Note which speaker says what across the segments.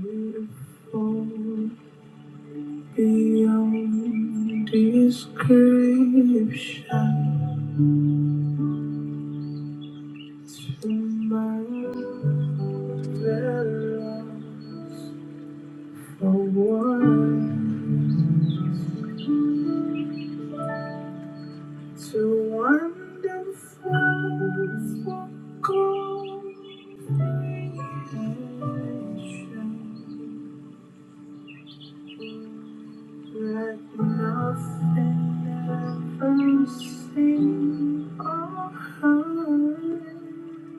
Speaker 1: Beautiful Beyond description, to marvelous for words, too wonderful for comprehension, like nothing ever seen or heard.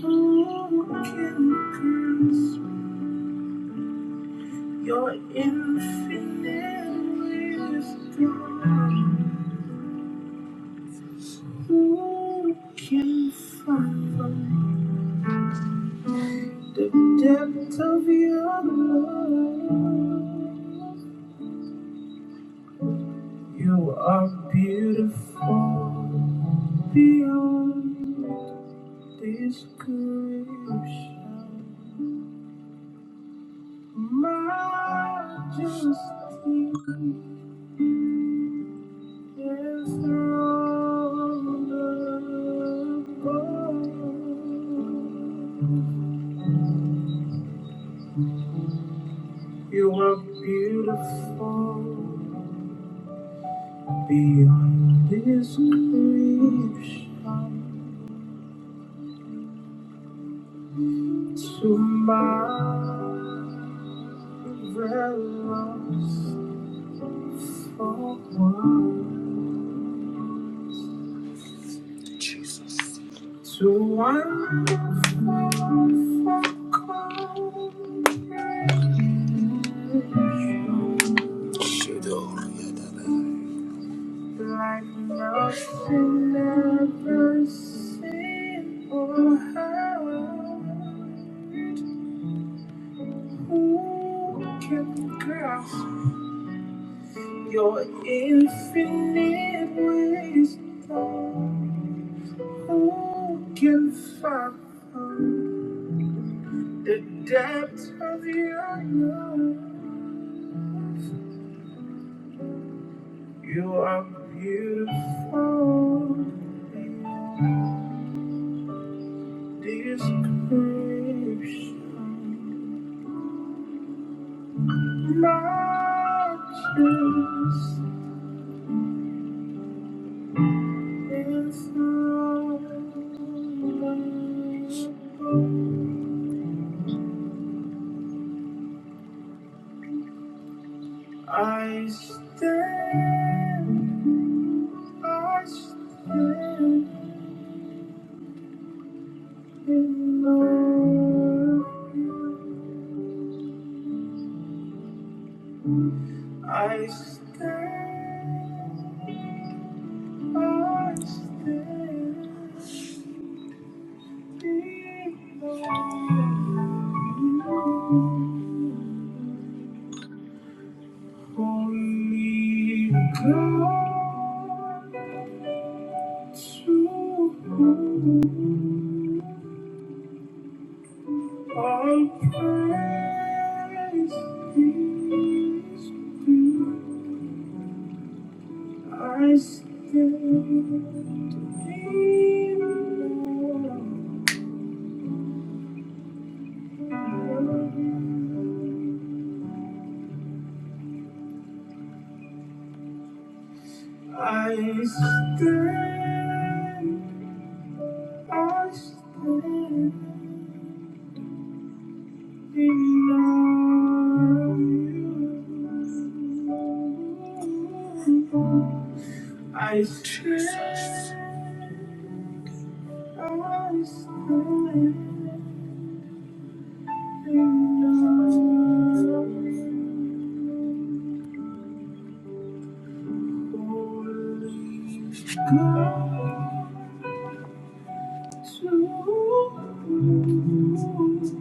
Speaker 1: Who can grasp your infinite wisdom? Who can fathom the depth of your love? You are beautiful beyond description. Majesty. You are beautiful beyond description. To marvelous for one, to wonderful for comprehension. Like nothing ever seen or heard. Who can grasp your infinite wisdom? Who can fathom the depth of your love? You are beautiful. Description matches its number. I stand, I stand in love. I stand, I stand. Holy God, to whom all praise is due, I stand in awe. I stand I still love you. I trust. I still love you. Only God to you.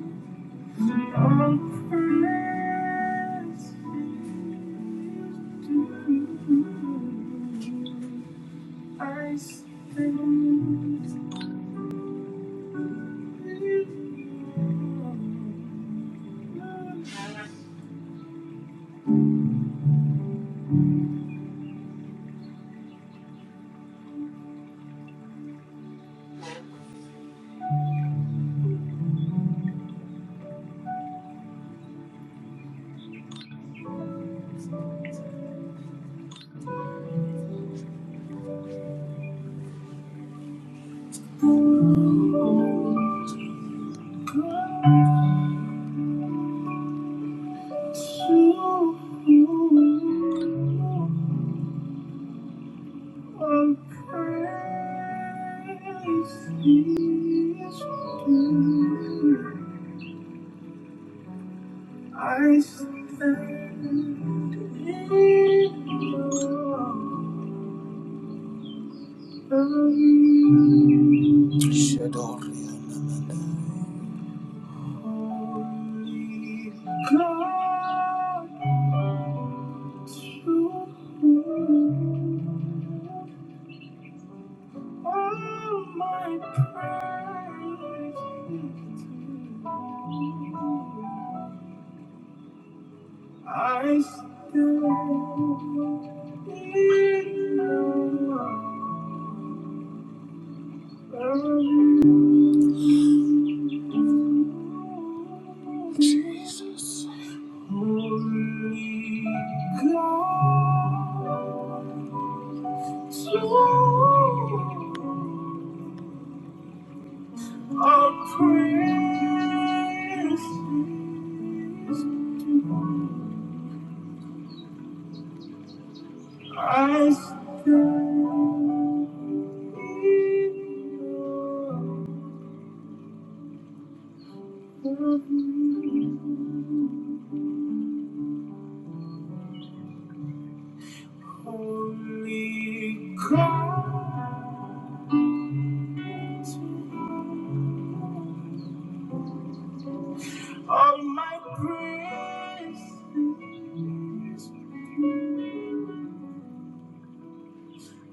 Speaker 1: I stand in awe. Holy God, to whom all my praise is due. I stand in awe Jesus, Holy God, so I praise you are precious. I stand in your love. Holy Christ, all my praises,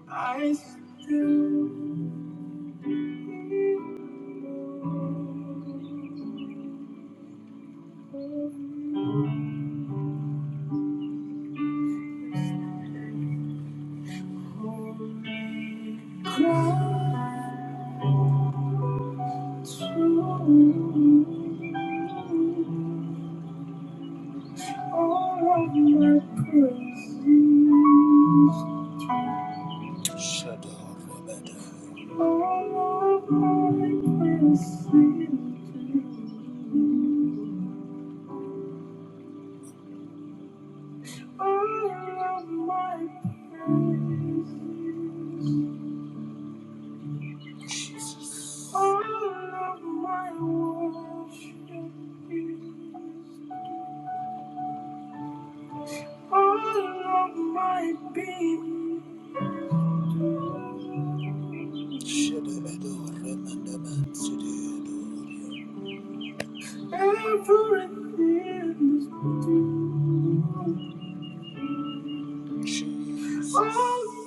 Speaker 1: I still Holy to all of my praises. Shadow of Everything is All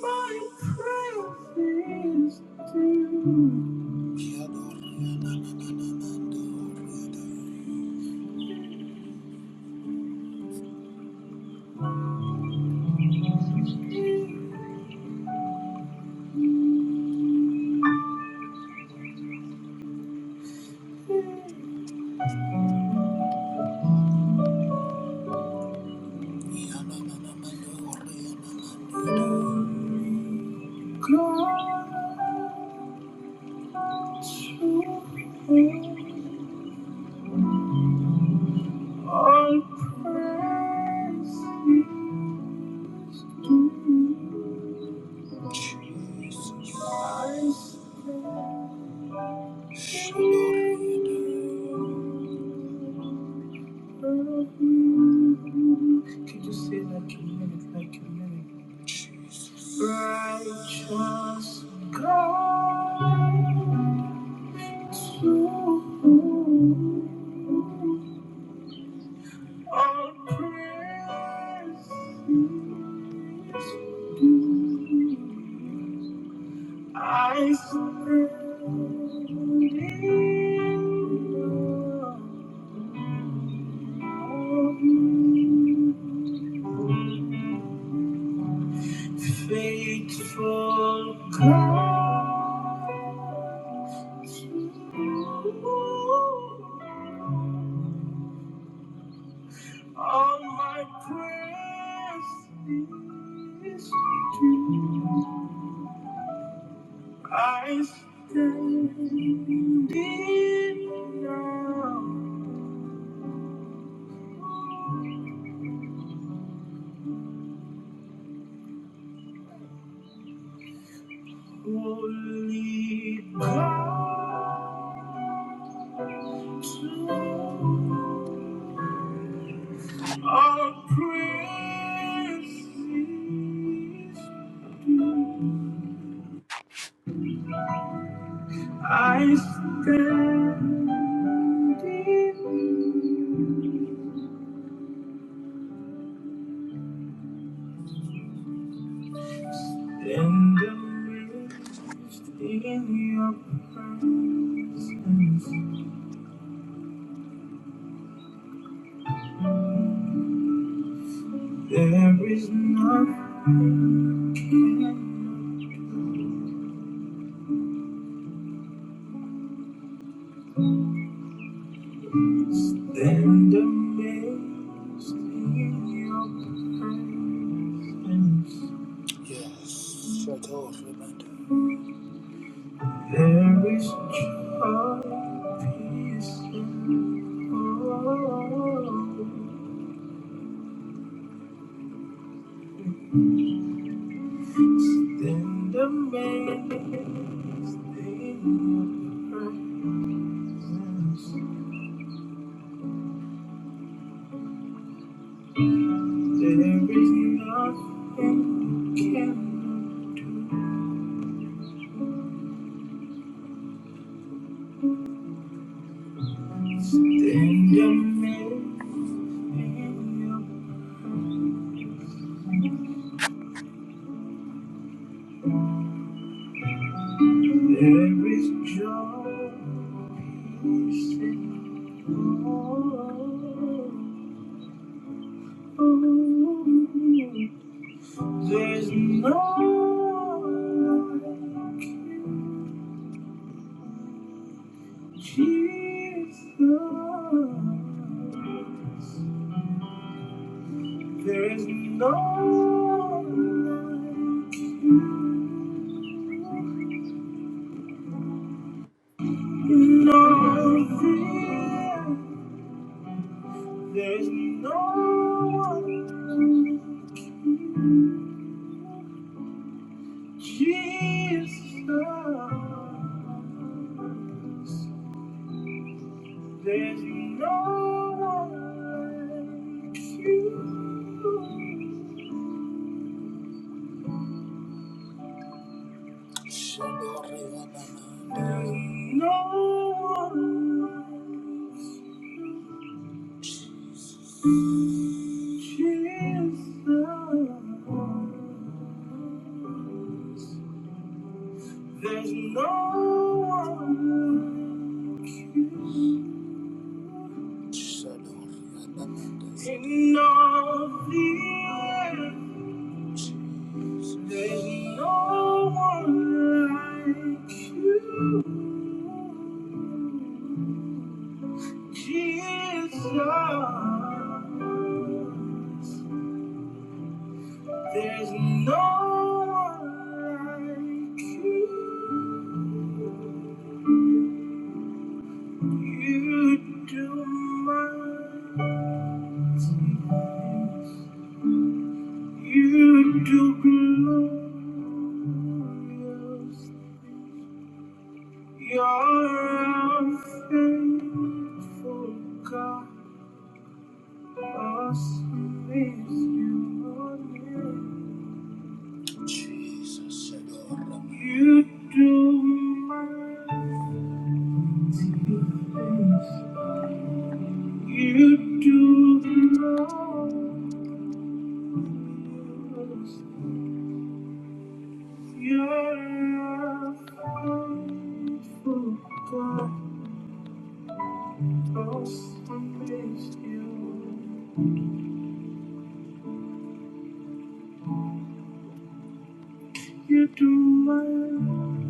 Speaker 1: my prayers to God praise to Could you say that community, like community? Righteous God, to whom all praise due. I surrender. Faithful God, all my prayers is true. I stand in now, holy God. Our precious I stand in and amazed in your presence. There is nothing can stand amazed in your presence. Yes, shut off, Amanda. There is joy, peace, and hope. Stand amazed in your presence. There is nothing you cannot do. Stand amazed in your There is joy, peace, and hope. There's no like you, Jesus. There's no like you, no fear. There's no like you, Jesus. There's no one like you. There's no one like Jesus. There's no one like you. In all the earth. There's no one like you, Jesus. There's no one like you. You do mighty things. You do glorious things. You're a faithful God. Awesome is your Jesus, adore me. You do mighty things. You do marvelous. things. You're a faithful God. Awesome is your You do my,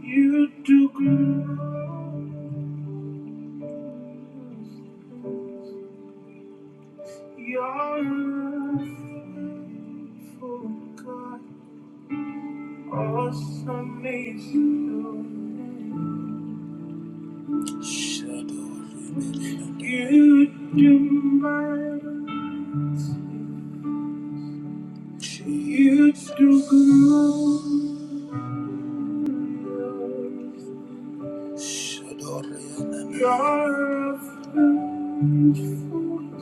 Speaker 1: you do good. You're faithful, God. Awesome is your name. Shadow remaining. You do much, you do good. You're a faithful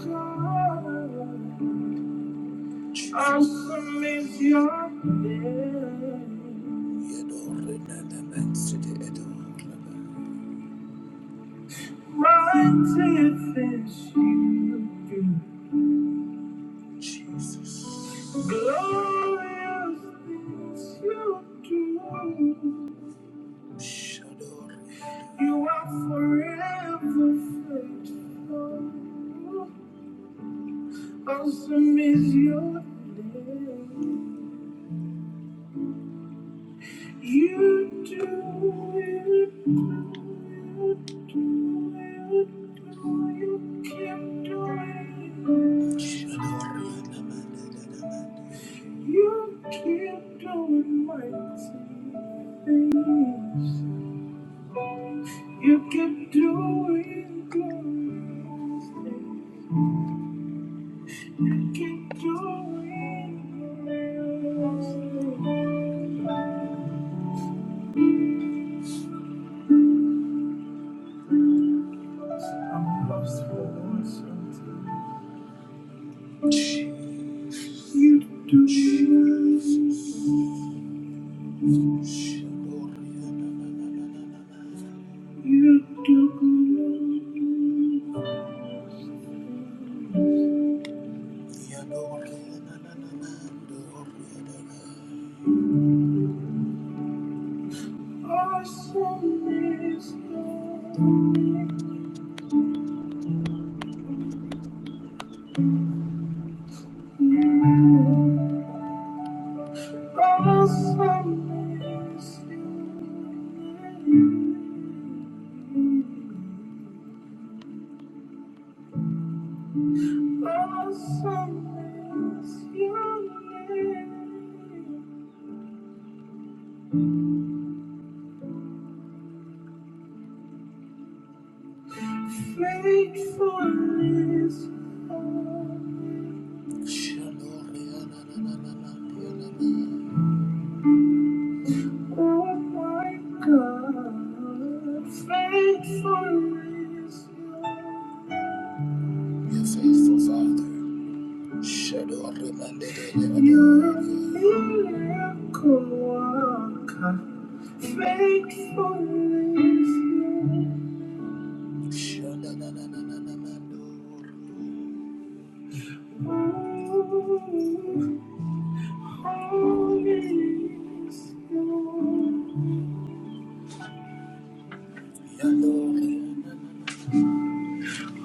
Speaker 1: God. I submit your name. mighty things you do. Jesus. Glorious things you do. You are forever faithful. Awesome is your name. You do it. You do it. do it. You keep doing it. You keep doing mighty things. You keep doing glorious things. Keep doing glorious things. I'm lost for words you do. me. You took me awesome is you. Awesome is you. Faithfulness, oh my God, faithfulness, your faithful Father, shadow of the your miracle worker, faithfulness. Shananananananando.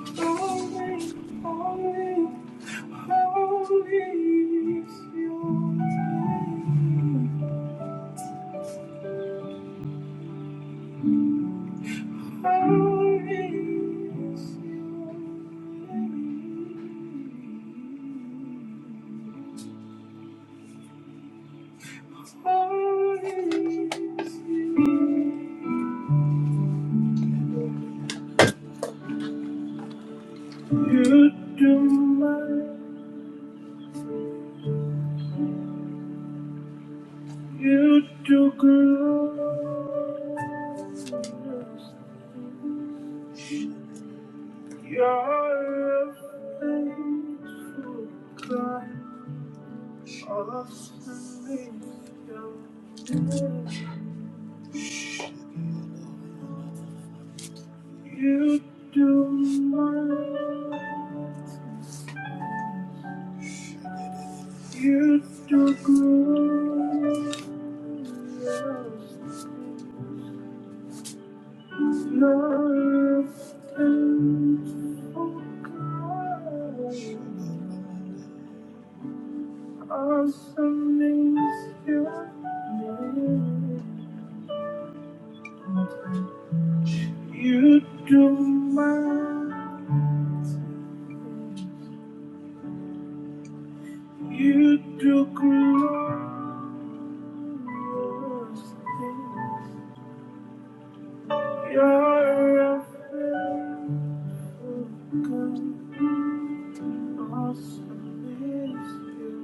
Speaker 1: Yando. You do my, you do good. You're a faithful God. All of the things you do, my, you do good. You're a faithful God. Awesome is your name. You do my, you do glorious things. You're a faithful God. Awesome is you.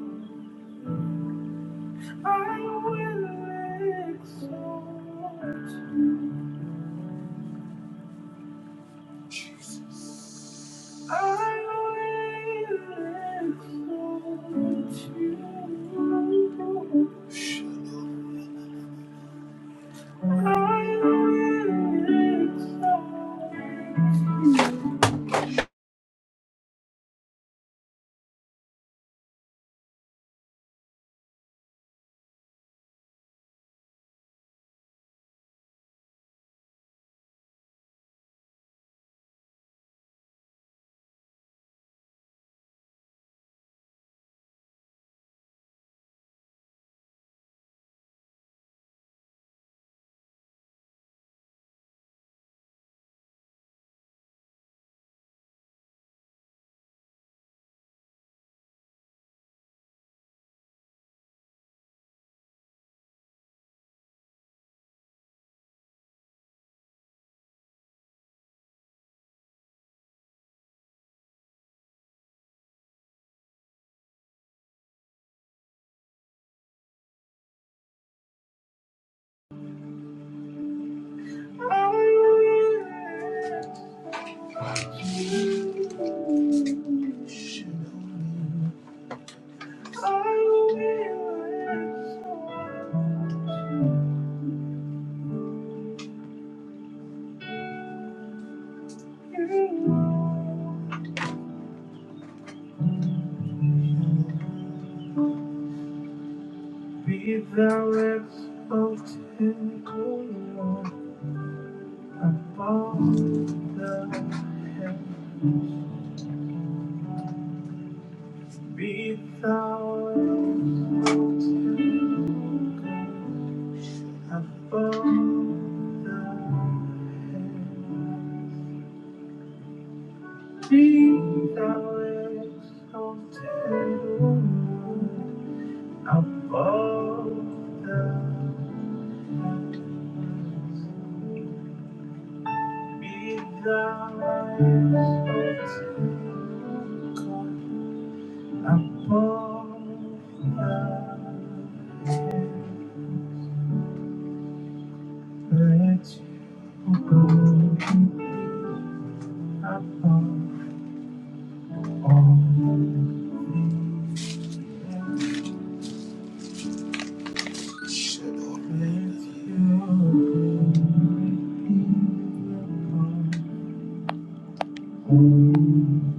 Speaker 1: I will exalt you. Be thou exalted, O Lord. Above the heaven, be thou exalted. Above the heaven, be thou exalted, Lord. Above the heavens, be thou exalted, O Let your glory be upon all the earth.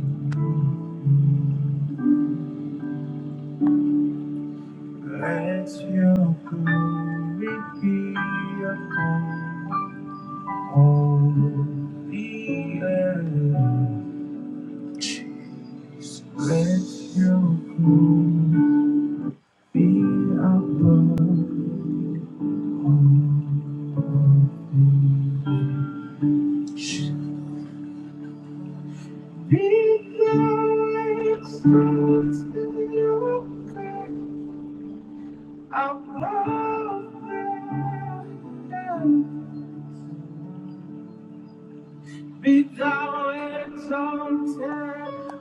Speaker 1: Let your glory Be above all things. Be thou exalted O God, above the earth. Be thou exalted,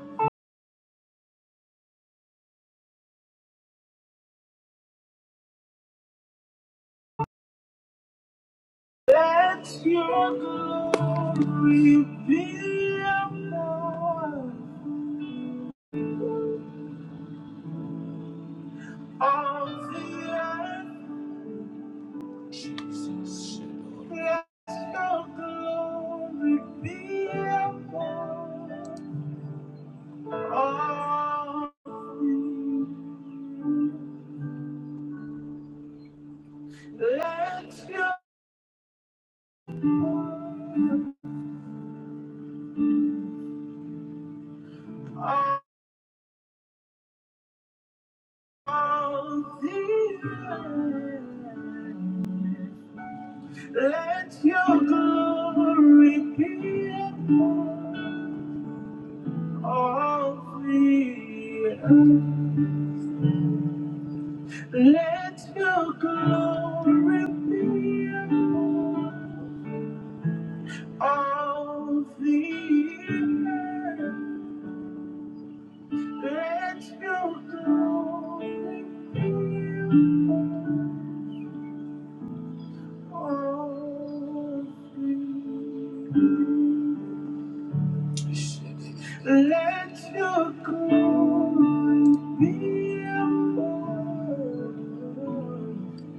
Speaker 1: let your glory be above all the earth. Jesus, Let your glory be upon all things. Let your glory all things. Let your glory be upon all the earth. Let your glory be upon all the earth. Let your glory be upon all the earth. Let your glory be upon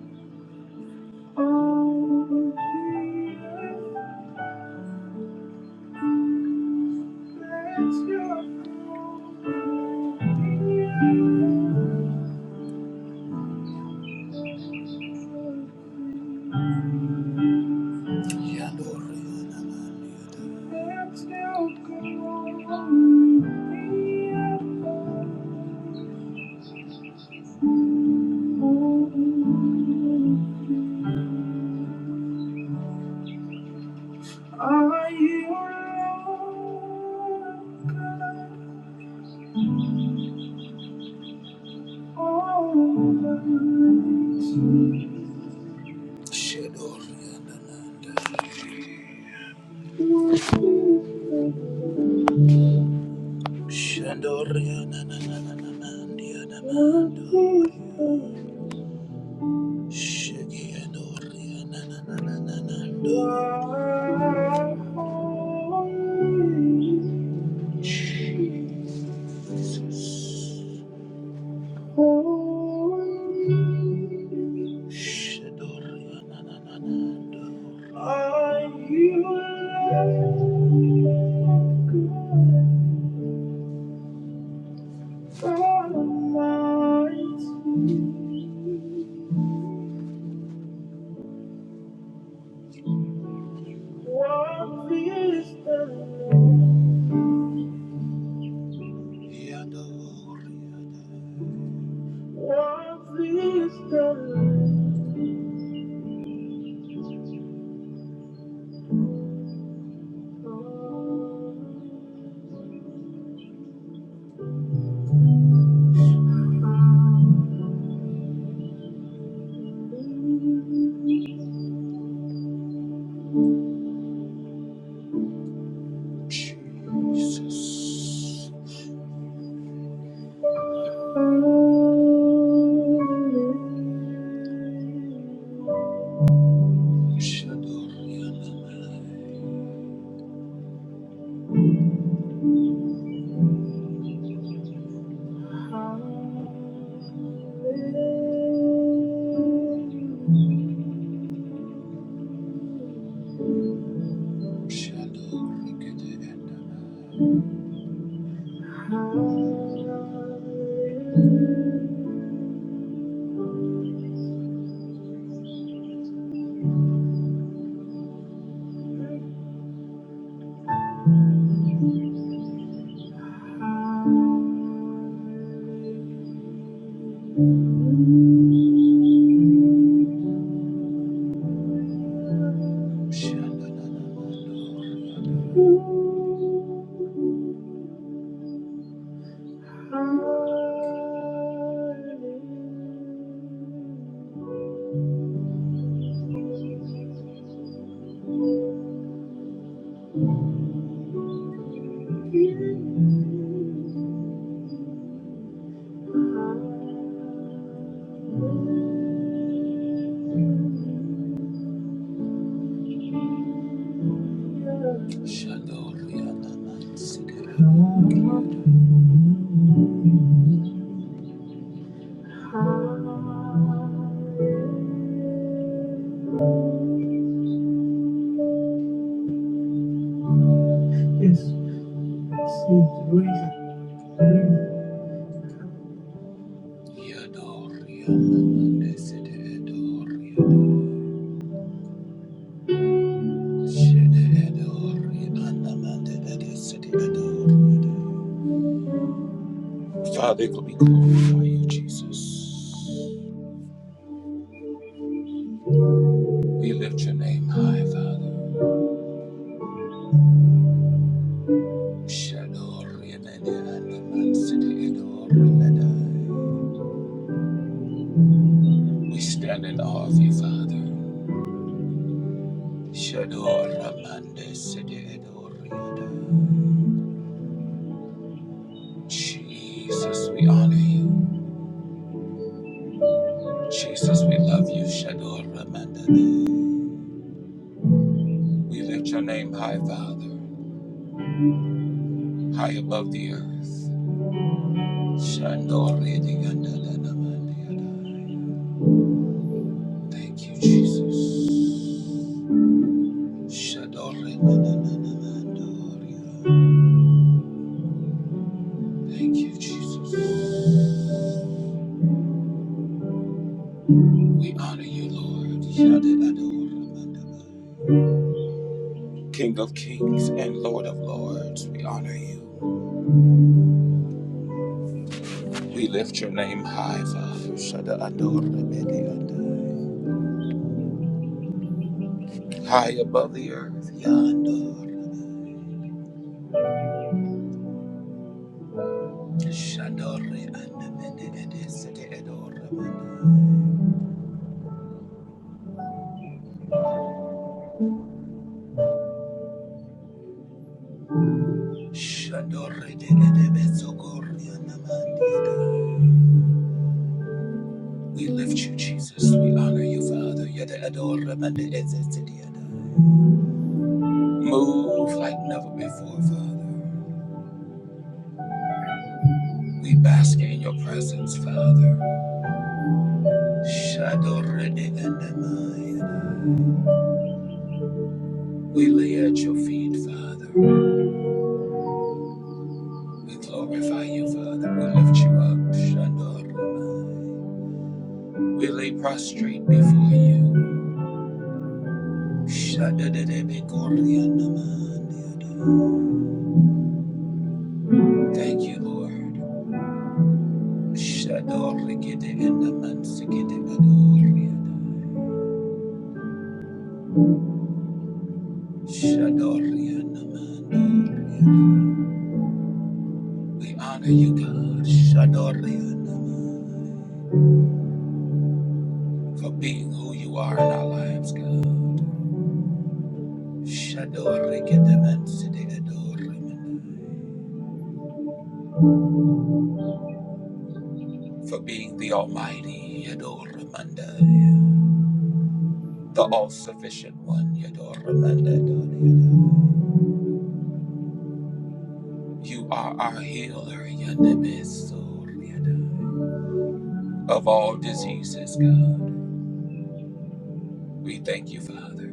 Speaker 1: all the earth. Shadow Shandoria na na na na na mandia na mandoria. Shikiandoria na na na na na na ndo. Shadoria na na na na. Are you good? Almighty? One fiesta, Lord. One fiesta, Lord. Jesus. Hallelujah. Hallelujah. Yes, see, raise it, raise it. Father, we glorify you, Jesus. We lift your name high, Father. We stand in awe of you, Father. Jesus, we honor you. Jesus, we love you. We lift your name high, Father. high above the earth. Thank you, Jesus. Thank you, Jesus. We honor you, Lord. King of kings and Lord of lords, we honor you. We lift your name high, Father. High above the earth. Shadore andamende edesete edore Shadore de We lift you, Jesus. We honor you, Father. Yada adore Move like never before, Father. We bask in your presence, Father. Shadore de We lay at your feet, Father. We glorify you, Father. We lift you up. Shadore We lay prostrate before you. Shadadadabegorlianamandiado. Thank you, Lord. Shadorligideandamansigidadoriada. Shadorlianamandoriada. We honor you, God, Shadorlianaman, for being who you are in our lives, God. Shadorligidemansidiadoriamandai. For being the Almighty, Adoramandai. the all sufficient one. Yadoramandadadayadai. You are our healer, Yandemesoriyadai. of all diseases, God. We thank you, Father.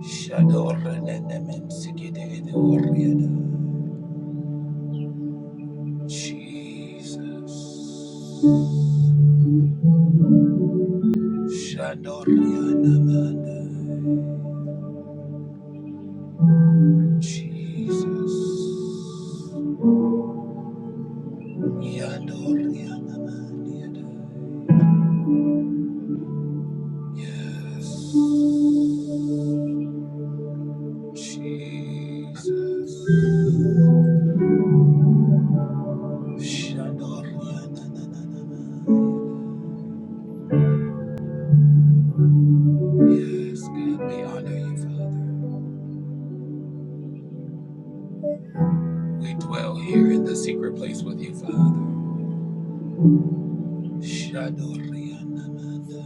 Speaker 1: Shadoranenememsikididoriyadai. Jesus. Shandoriyanamandai. Jesus. Yandoriyanamandiyadai. Yes. Jesus. Shadorianananana. Yes, God, we honor you, Father. We dwell here in the secret place with you, Father. Shadorianamanda.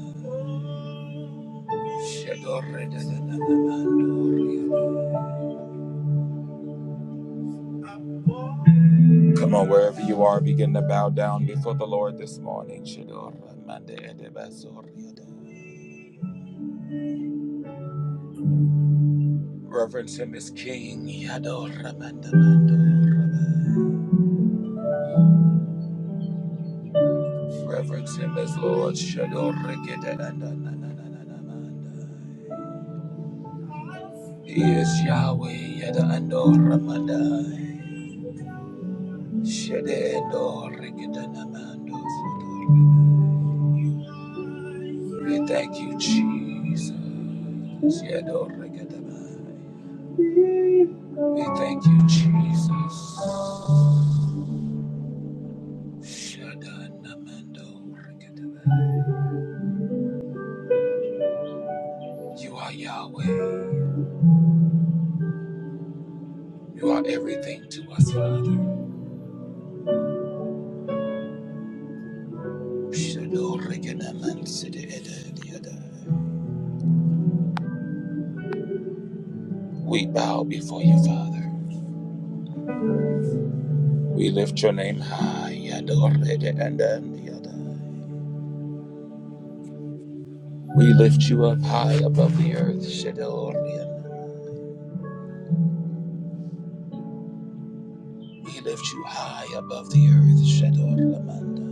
Speaker 1: Shadoredananamandoriana. Come on, wherever you are, begin to bow down before the Lord this morning. Shadoramanda edebasoriada. Reverence him as King. Yadoramandamandoraba. Reverence him as Lord. Shadorakedananananananamandai. He is Yahweh. Yadaandoramandai. Shadedorakedanamandosodoraba. We thank you, Jesus. Yadorakedamai. We thank you, Jesus. Shadanamando Rikadabai. You are Yahweh. You are everything to us, Father. Shadorikadamansididididididai. We bow before you, Father. We lift your name high. Yadoridiandandiyadai. We lift you up high above the earth. Shadorian. We lift you high above the earth. Shadoramanda.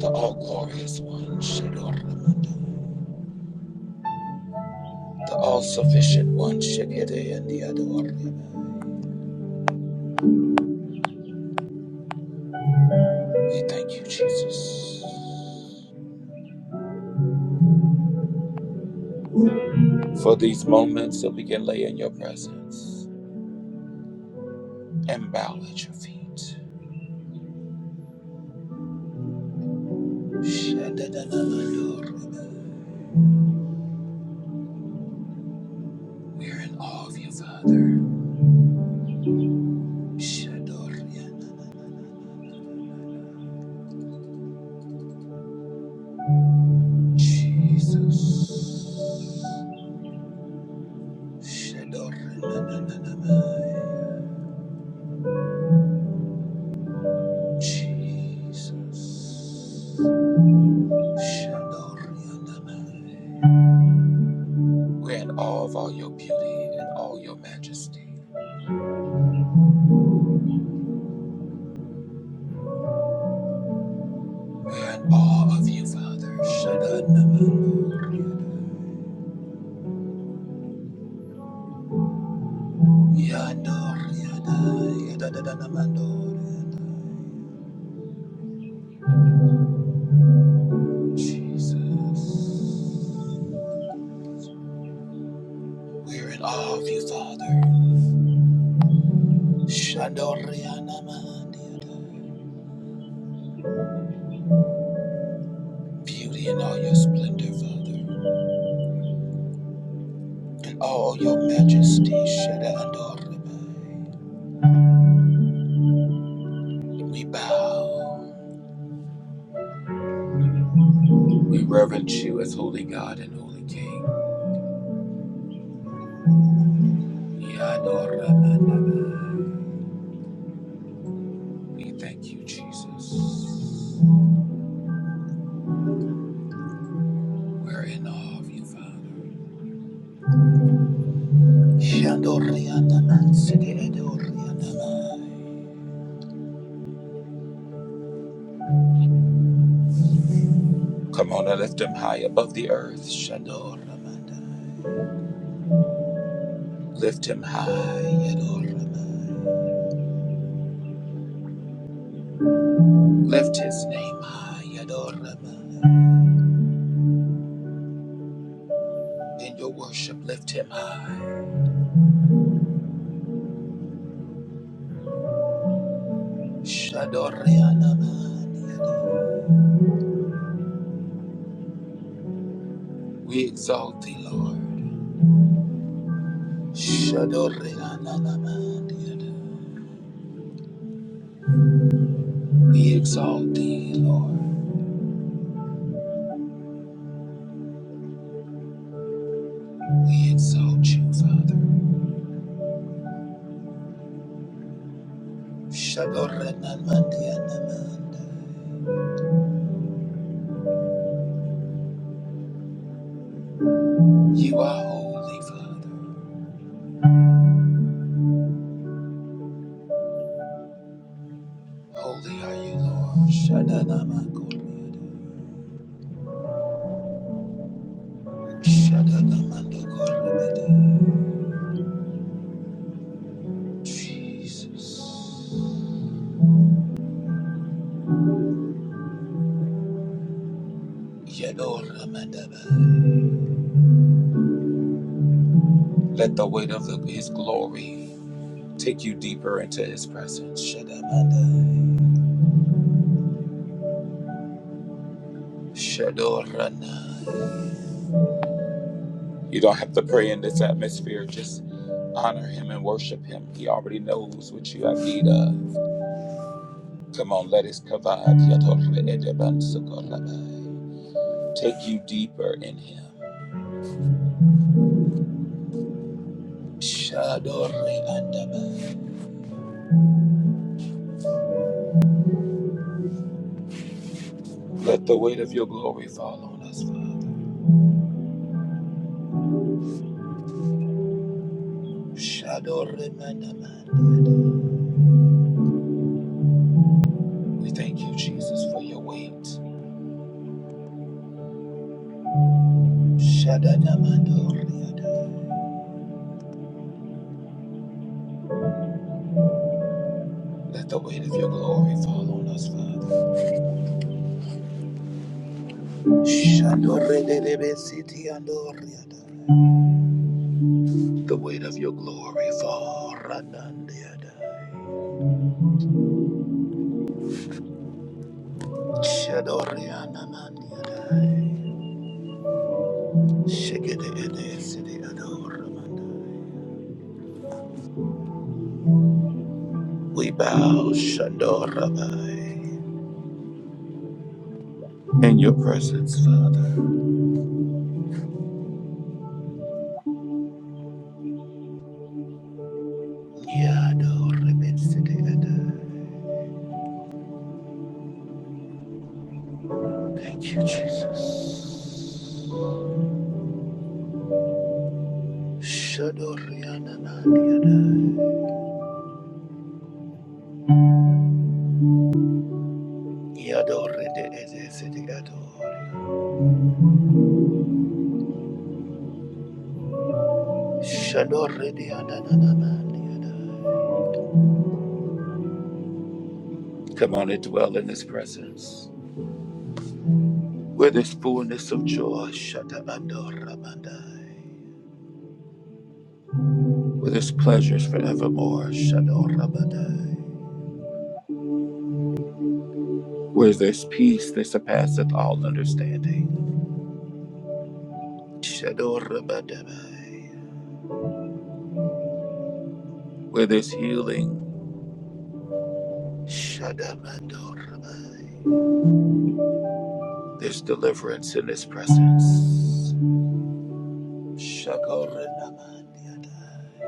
Speaker 1: The all glorious one. Shadoramanda. The all sufficient one. Shadoriandiyadori. We thank you, Jesus, for these moments that we can lay in your presence and bow at your feet. We are in awe of you, Father. Jesus. Jesus. We're in awe of all your beauty and all your majesty. We're in awe of you, Father. Shadanamando, yando, yada, yadadadadamando, Jesus. We're in awe of you, Father. Shandorianamandiada. Beauty and all your splendor, Father, and all your majesty. Shadadorabai. We bow. We reverence you as holy God and holy King. Yadoramanaba. We thank you, Jesus. We're in awe of you, Father. Shandorianamansidiadorianamai. Come on and lift him high above the earth. Shandoramandai. Lift him high, Yadoramai. Lift his name high, Yadoramai. In your worship, lift him high. Shandorianamandiadai. We exalt thee, Lord. We exalt thee, Lord. We exalt you, Father. You are holy, Father. Holy are you, Lord. Jesus. Let the weight of the- his glory take you deeper into his presence. Shadorana. You don't have to pray in this atmosphere. Just honor him and worship him. He already knows what you have need of. Come on, let his kavad yadorle edeban sukorlabai. take you deeper in him. Shadorle andabai. Let the weight of your glory fall on us, Father. Shadorle mandamandiadai. We thank you, Jesus, for your weight. Shadadamandorliadai. Let the weight of your glory fall on us, Father. The weight of your glory fall. Ranandiada. We bow Shandorabai in your presence, Father. Thank you, Jesus. Shadoriananandiada. Yadore de Ede City Ador. Shadoridiadadadamadiada. Come on and dwell in his presence. With his fullness of joy, Shadabandoramandai. With his pleasures forevermore, Shadorabadai. Where there's peace that surpasseth all understanding, Shadorabadai. Where there's healing, Shadamandorabai. There's deliverance in his presence. Shakorinamadiada.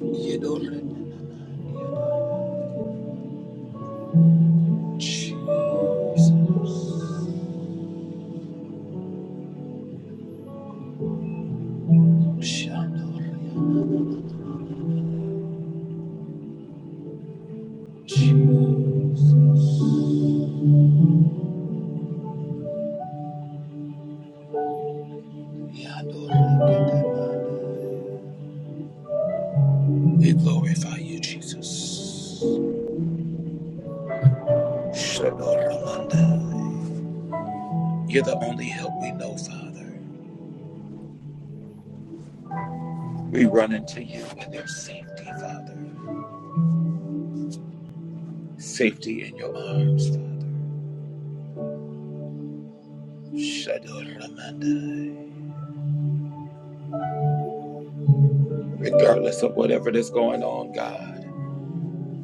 Speaker 1: Yedorinamadiada. Jesus. We Jesus. We We glorify you, Jesus. Shadoramanda. You're the only help we know, Father. We run into you and there's safety, Father. Safety in your arms, Father. Shadoramanda. Regardless of whatever that's going on, God.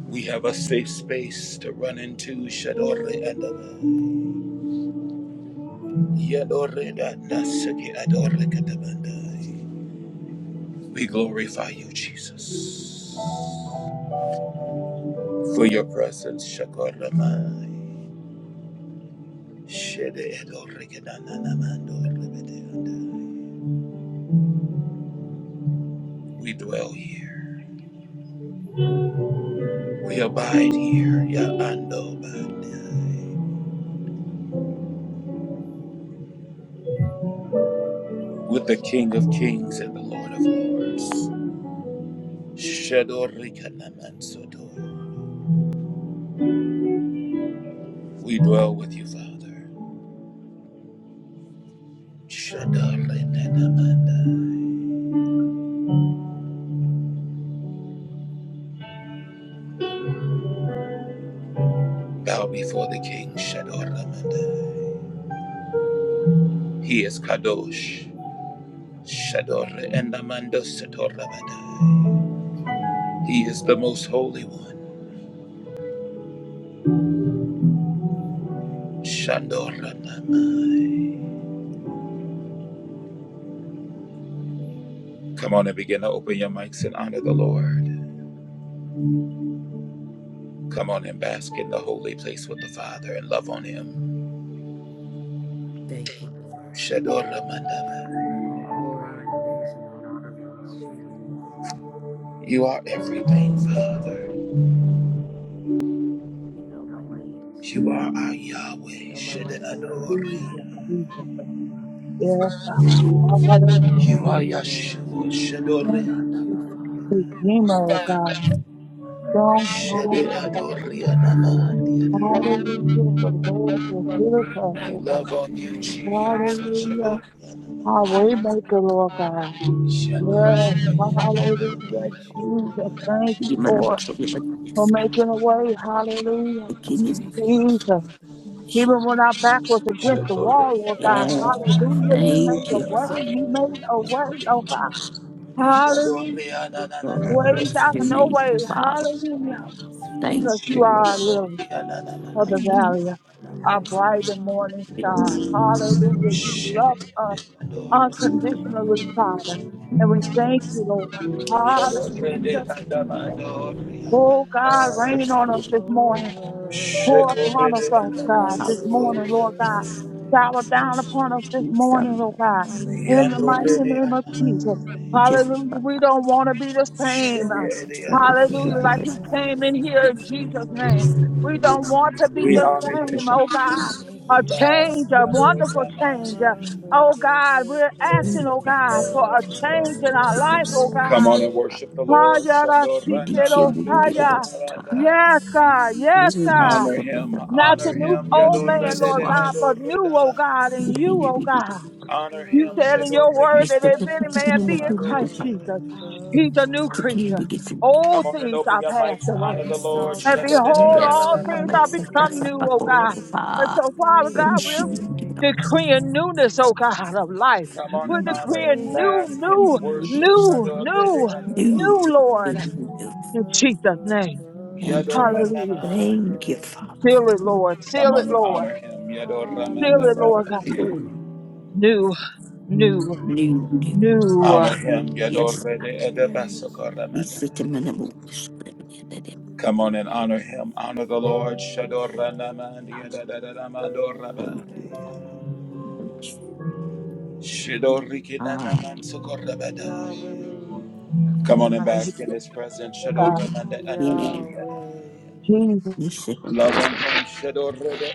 Speaker 1: We have a safe space to run into Shadore and Adonai. Yadore da Nasaki Adore Katabandai. We glorify you, Jesus, for your presence, Shakoramai. Shede Adore Kedananamando Rebedeandai. We dwell here. We abide here, Yaando Bandai, with the King of Kings and the Lord of Lords. Shadore Kanamansodo. We dwell with you, Father. Shadorlamandai. Bow before the King. Shadorlamandai. He is Kadosh. Shadorlamandai. He is the most holy one. Shadorlamandai. Come on and begin to open your mics and honor the Lord. Come on and bask in the holy place with the Father and love on Him.
Speaker 2: Thank you, Lord.
Speaker 3: Thank
Speaker 1: Shadorlamandai.
Speaker 2: All glory and praise and honor belongs to you.
Speaker 1: You are everything, Father.
Speaker 2: You know my needs,
Speaker 1: You are our
Speaker 2: you
Speaker 1: Yahweh.
Speaker 2: know my
Speaker 4: Jesus,
Speaker 2: desires,
Speaker 1: Shadorlamandai.
Speaker 4: Jesus. Yes, God.
Speaker 2: you
Speaker 4: Hallelujah.
Speaker 2: know the
Speaker 1: You are
Speaker 2: deep yearnings of
Speaker 1: Yeshua
Speaker 2: my heart.
Speaker 4: Thank
Speaker 5: Thank
Speaker 1: Shadoriana.
Speaker 5: you,
Speaker 4: you,
Speaker 5: Father.
Speaker 4: Redeemer, oh God.
Speaker 2: God,
Speaker 4: Strong power, oh
Speaker 2: thank
Speaker 4: God.
Speaker 2: you.
Speaker 5: Hallelujah.
Speaker 1: Shadoriana.
Speaker 4: Hallelujah. The Lord is with us,
Speaker 1: We
Speaker 4: oh God.
Speaker 1: love on you,
Speaker 2: Glory
Speaker 5: Thank
Speaker 2: to
Speaker 1: Jesus.
Speaker 5: you,
Speaker 2: you, Lord.
Speaker 5: Father.
Speaker 4: Hallelujah.
Speaker 1: Shadoriana.
Speaker 4: Our way maker, Lord God.
Speaker 2: Glory to
Speaker 4: Yes.
Speaker 2: you,
Speaker 5: Thank you.
Speaker 1: Shadoriana.
Speaker 2: Lord.
Speaker 5: I
Speaker 4: Hallelujah.
Speaker 5: praise your
Speaker 4: Jesus.
Speaker 5: holy
Speaker 4: Thank
Speaker 5: name.
Speaker 6: Give
Speaker 4: you,
Speaker 6: my number
Speaker 4: Lord,
Speaker 6: to you.
Speaker 4: for
Speaker 6: Yes.
Speaker 4: making a way. Hallelujah.
Speaker 6: Thank you,
Speaker 5: Thank
Speaker 6: Jesus.
Speaker 5: you,
Speaker 4: Jesus.
Speaker 5: Father.
Speaker 4: Even when our back was against the wall, Lord God.
Speaker 1: Shadoriana.
Speaker 6: Yes.
Speaker 5: Thank you for
Speaker 4: Hallelujah. You
Speaker 5: being
Speaker 4: made
Speaker 6: Thank
Speaker 5: the
Speaker 4: a
Speaker 6: you,
Speaker 4: way.
Speaker 5: answer
Speaker 6: Father.
Speaker 4: You
Speaker 5: to
Speaker 4: made a
Speaker 5: prayers,
Speaker 4: way,
Speaker 5: Lord.
Speaker 4: oh God. Hallelujah.
Speaker 6: Lord, we
Speaker 4: ways
Speaker 6: bless
Speaker 4: out of
Speaker 6: your
Speaker 4: no
Speaker 6: name,
Speaker 5: Thank
Speaker 4: way.
Speaker 5: you for
Speaker 6: Father.
Speaker 5: your
Speaker 4: Hallelujah.
Speaker 5: greatness,
Speaker 6: Thank
Speaker 4: Because
Speaker 5: Father.
Speaker 4: you
Speaker 6: you, Lord.
Speaker 4: are our lily of
Speaker 1: Shadoriana.
Speaker 4: the
Speaker 6: Hallelujah.
Speaker 4: valley,
Speaker 5: I
Speaker 4: a
Speaker 5: love you,
Speaker 4: bright and
Speaker 5: Father.
Speaker 4: morning
Speaker 6: Lord,
Speaker 4: star. Hallelujah. You love us
Speaker 1: Shadoriana.
Speaker 4: unconditionally,
Speaker 5: Thank
Speaker 4: Father.
Speaker 5: you.
Speaker 4: And we
Speaker 6: we
Speaker 4: thank you, Lord.
Speaker 5: Glory
Speaker 4: Hallelujah.
Speaker 5: to God.
Speaker 4: Jesus.
Speaker 2: Love,
Speaker 4: Oh,
Speaker 5: Hallelujah.
Speaker 4: God,
Speaker 6: Bless
Speaker 4: rain on
Speaker 6: your
Speaker 4: us this
Speaker 6: name.
Speaker 2: oh,
Speaker 4: morning. Pour
Speaker 2: love,
Speaker 4: upon us,
Speaker 2: love,
Speaker 4: oh
Speaker 2: love,
Speaker 4: God,
Speaker 5: Thank
Speaker 4: this
Speaker 6: Hallelujah.
Speaker 5: you,
Speaker 2: love,
Speaker 4: morning,
Speaker 2: love, love,
Speaker 4: Lord God.
Speaker 5: Jesus.
Speaker 4: Shower down
Speaker 2: love,
Speaker 4: upon us this
Speaker 6: We
Speaker 4: morning,
Speaker 6: stand
Speaker 4: oh
Speaker 6: up.
Speaker 4: God. In the mighty
Speaker 5: Hallelujah.
Speaker 4: name of
Speaker 1: Shadoriana.
Speaker 4: Jesus.
Speaker 6: We take it
Speaker 4: Hallelujah.
Speaker 6: back.
Speaker 4: We don't want to be the
Speaker 1: We
Speaker 4: same.
Speaker 2: love,
Speaker 6: We take it, we
Speaker 5: Praise your
Speaker 4: Hallelujah.
Speaker 6: take it
Speaker 4: Like
Speaker 3: you.
Speaker 4: you
Speaker 5: name,
Speaker 2: love, love,
Speaker 4: came in
Speaker 5: Father.
Speaker 2: love,
Speaker 4: here in
Speaker 3: Thank
Speaker 2: love,
Speaker 4: Jesus' name. We
Speaker 2: love.
Speaker 4: don't want to be
Speaker 6: We
Speaker 4: the
Speaker 1: honor
Speaker 6: take
Speaker 1: you,
Speaker 4: same,
Speaker 6: it back
Speaker 4: oh
Speaker 1: Jesus.
Speaker 4: God.
Speaker 5: Thank
Speaker 1: We
Speaker 4: A
Speaker 5: you,
Speaker 1: bow.
Speaker 4: change,
Speaker 5: Father.
Speaker 4: a
Speaker 1: Yado
Speaker 4: wonderful change.
Speaker 2: Love of
Speaker 4: Oh
Speaker 2: your
Speaker 4: God,
Speaker 2: love,
Speaker 4: we're asking,
Speaker 6: We
Speaker 4: oh
Speaker 2: love,
Speaker 6: stand up.
Speaker 4: God, for
Speaker 5: Glory
Speaker 2: love,
Speaker 4: a
Speaker 5: to
Speaker 2: love,
Speaker 4: change
Speaker 5: God.
Speaker 4: in our
Speaker 6: We take
Speaker 4: life,
Speaker 2: love,
Speaker 6: it
Speaker 4: oh
Speaker 2: love.
Speaker 1: Come
Speaker 4: God.
Speaker 1: on and worship the Lord. Shado
Speaker 6: We did
Speaker 1: Randa
Speaker 6: share with you
Speaker 5: Thank
Speaker 6: because
Speaker 5: you.
Speaker 6: of time.
Speaker 4: Yes, God. Yes,
Speaker 6: Isn't
Speaker 4: God.
Speaker 6: this
Speaker 1: Honor
Speaker 6: perfect
Speaker 2: Holy,
Speaker 1: him.
Speaker 6: amount?
Speaker 4: Not the
Speaker 1: Honor
Speaker 2: holy,
Speaker 4: new
Speaker 1: him.
Speaker 4: old
Speaker 1: Yado
Speaker 4: man,
Speaker 6: It's
Speaker 5: Yes,
Speaker 2: holy.
Speaker 1: Rada
Speaker 4: Lord
Speaker 6: wow.
Speaker 4: God,
Speaker 5: Lord.
Speaker 4: but new, oh God, and you, oh God.
Speaker 1: Honor
Speaker 5: Thank
Speaker 4: You
Speaker 1: him.
Speaker 5: you,
Speaker 4: said
Speaker 2: Love,
Speaker 4: in
Speaker 1: Shado
Speaker 5: Jesus.
Speaker 4: your word
Speaker 1: Riki
Speaker 4: that
Speaker 6: Mr.
Speaker 4: if any
Speaker 2: love,
Speaker 4: man be in Christ
Speaker 2: love,
Speaker 4: Jesus,
Speaker 5: Abba,
Speaker 2: love,
Speaker 4: he's a
Speaker 5: Father.
Speaker 4: new
Speaker 2: love.
Speaker 4: creature.
Speaker 1: Come
Speaker 4: Old
Speaker 1: on and
Speaker 4: things
Speaker 1: open
Speaker 4: are
Speaker 1: your
Speaker 4: passed
Speaker 1: mics and
Speaker 5: I
Speaker 1: honor
Speaker 4: away.
Speaker 1: the
Speaker 6: Yes,
Speaker 1: Lord.
Speaker 6: yes,
Speaker 5: exalt
Speaker 4: And
Speaker 6: God.
Speaker 5: your
Speaker 1: Shada
Speaker 4: behold,
Speaker 5: name.
Speaker 6: Yes,
Speaker 4: all
Speaker 2: Holy,
Speaker 6: God.
Speaker 4: things
Speaker 6: Yes,
Speaker 4: are become
Speaker 2: holy,
Speaker 4: new, oh God. And
Speaker 6: God.
Speaker 4: so,
Speaker 2: holy.
Speaker 4: Father
Speaker 5: Thank
Speaker 4: God,
Speaker 5: you,
Speaker 4: we're
Speaker 5: Waymaker.
Speaker 4: decreeing newness, oh God, of life.
Speaker 1: Come on
Speaker 4: We're
Speaker 1: and honor and
Speaker 4: decreeing
Speaker 5: Thank
Speaker 4: new,
Speaker 5: you
Speaker 1: bask
Speaker 5: for
Speaker 1: in
Speaker 4: new,
Speaker 1: worship.
Speaker 5: miracles,
Speaker 4: new,
Speaker 1: Shado
Speaker 5: signs, and
Speaker 1: Rada
Speaker 4: new,
Speaker 5: wonders.
Speaker 2: Love,
Speaker 4: new,
Speaker 2: love,
Speaker 4: Lord, in
Speaker 2: love,
Speaker 4: Jesus'
Speaker 2: love,
Speaker 4: name.
Speaker 6: Thank you.
Speaker 5: Thank
Speaker 6: Lord.
Speaker 2: love,
Speaker 4: Hallelujah.
Speaker 5: you,
Speaker 1: Yadoranama.
Speaker 2: love,
Speaker 6: Thank
Speaker 5: Father.
Speaker 6: you,
Speaker 2: love.
Speaker 6: Father, for
Speaker 4: Seal it,
Speaker 6: new.
Speaker 4: Lord. Seal
Speaker 1: Come
Speaker 4: it,
Speaker 1: on,
Speaker 4: Lord.
Speaker 1: honor him.
Speaker 4: Seal it, Lord
Speaker 1: Yadoramandaba.
Speaker 4: God.
Speaker 5: Hallelujah.
Speaker 4: new, new,
Speaker 6: new- day.
Speaker 4: new. uh,
Speaker 1: Honor him.
Speaker 6: Yes,
Speaker 1: Yadorede
Speaker 5: Thank you,
Speaker 6: we
Speaker 1: edabasokoramanda.
Speaker 6: sit in minimal. Thank
Speaker 2: Love,
Speaker 1: Come on and honor
Speaker 5: Jesus.
Speaker 1: him. Honor the Lord.
Speaker 5: Thank you, Father.
Speaker 1: Shadoranamandi yadadadadamadoraba.
Speaker 6: you, Father.
Speaker 5: Hallelujah.
Speaker 6: Yes. Ah,
Speaker 1: Shidorikinanaman
Speaker 3: you.
Speaker 5: Hallelujah.
Speaker 2: Yahweh,
Speaker 1: sokorabada.
Speaker 3: Thank
Speaker 2: Yahweh,
Speaker 3: you.
Speaker 1: Come on and
Speaker 4: Honor you,
Speaker 1: bask in
Speaker 4: Lord
Speaker 1: his presence.
Speaker 4: God.
Speaker 1: Shadoramanda
Speaker 6: we
Speaker 1: andamandi
Speaker 5: Hallelujah.
Speaker 2: Yahweh,
Speaker 4: Jesus,
Speaker 6: we sit with
Speaker 1: Love on
Speaker 6: the
Speaker 1: him. Shadorede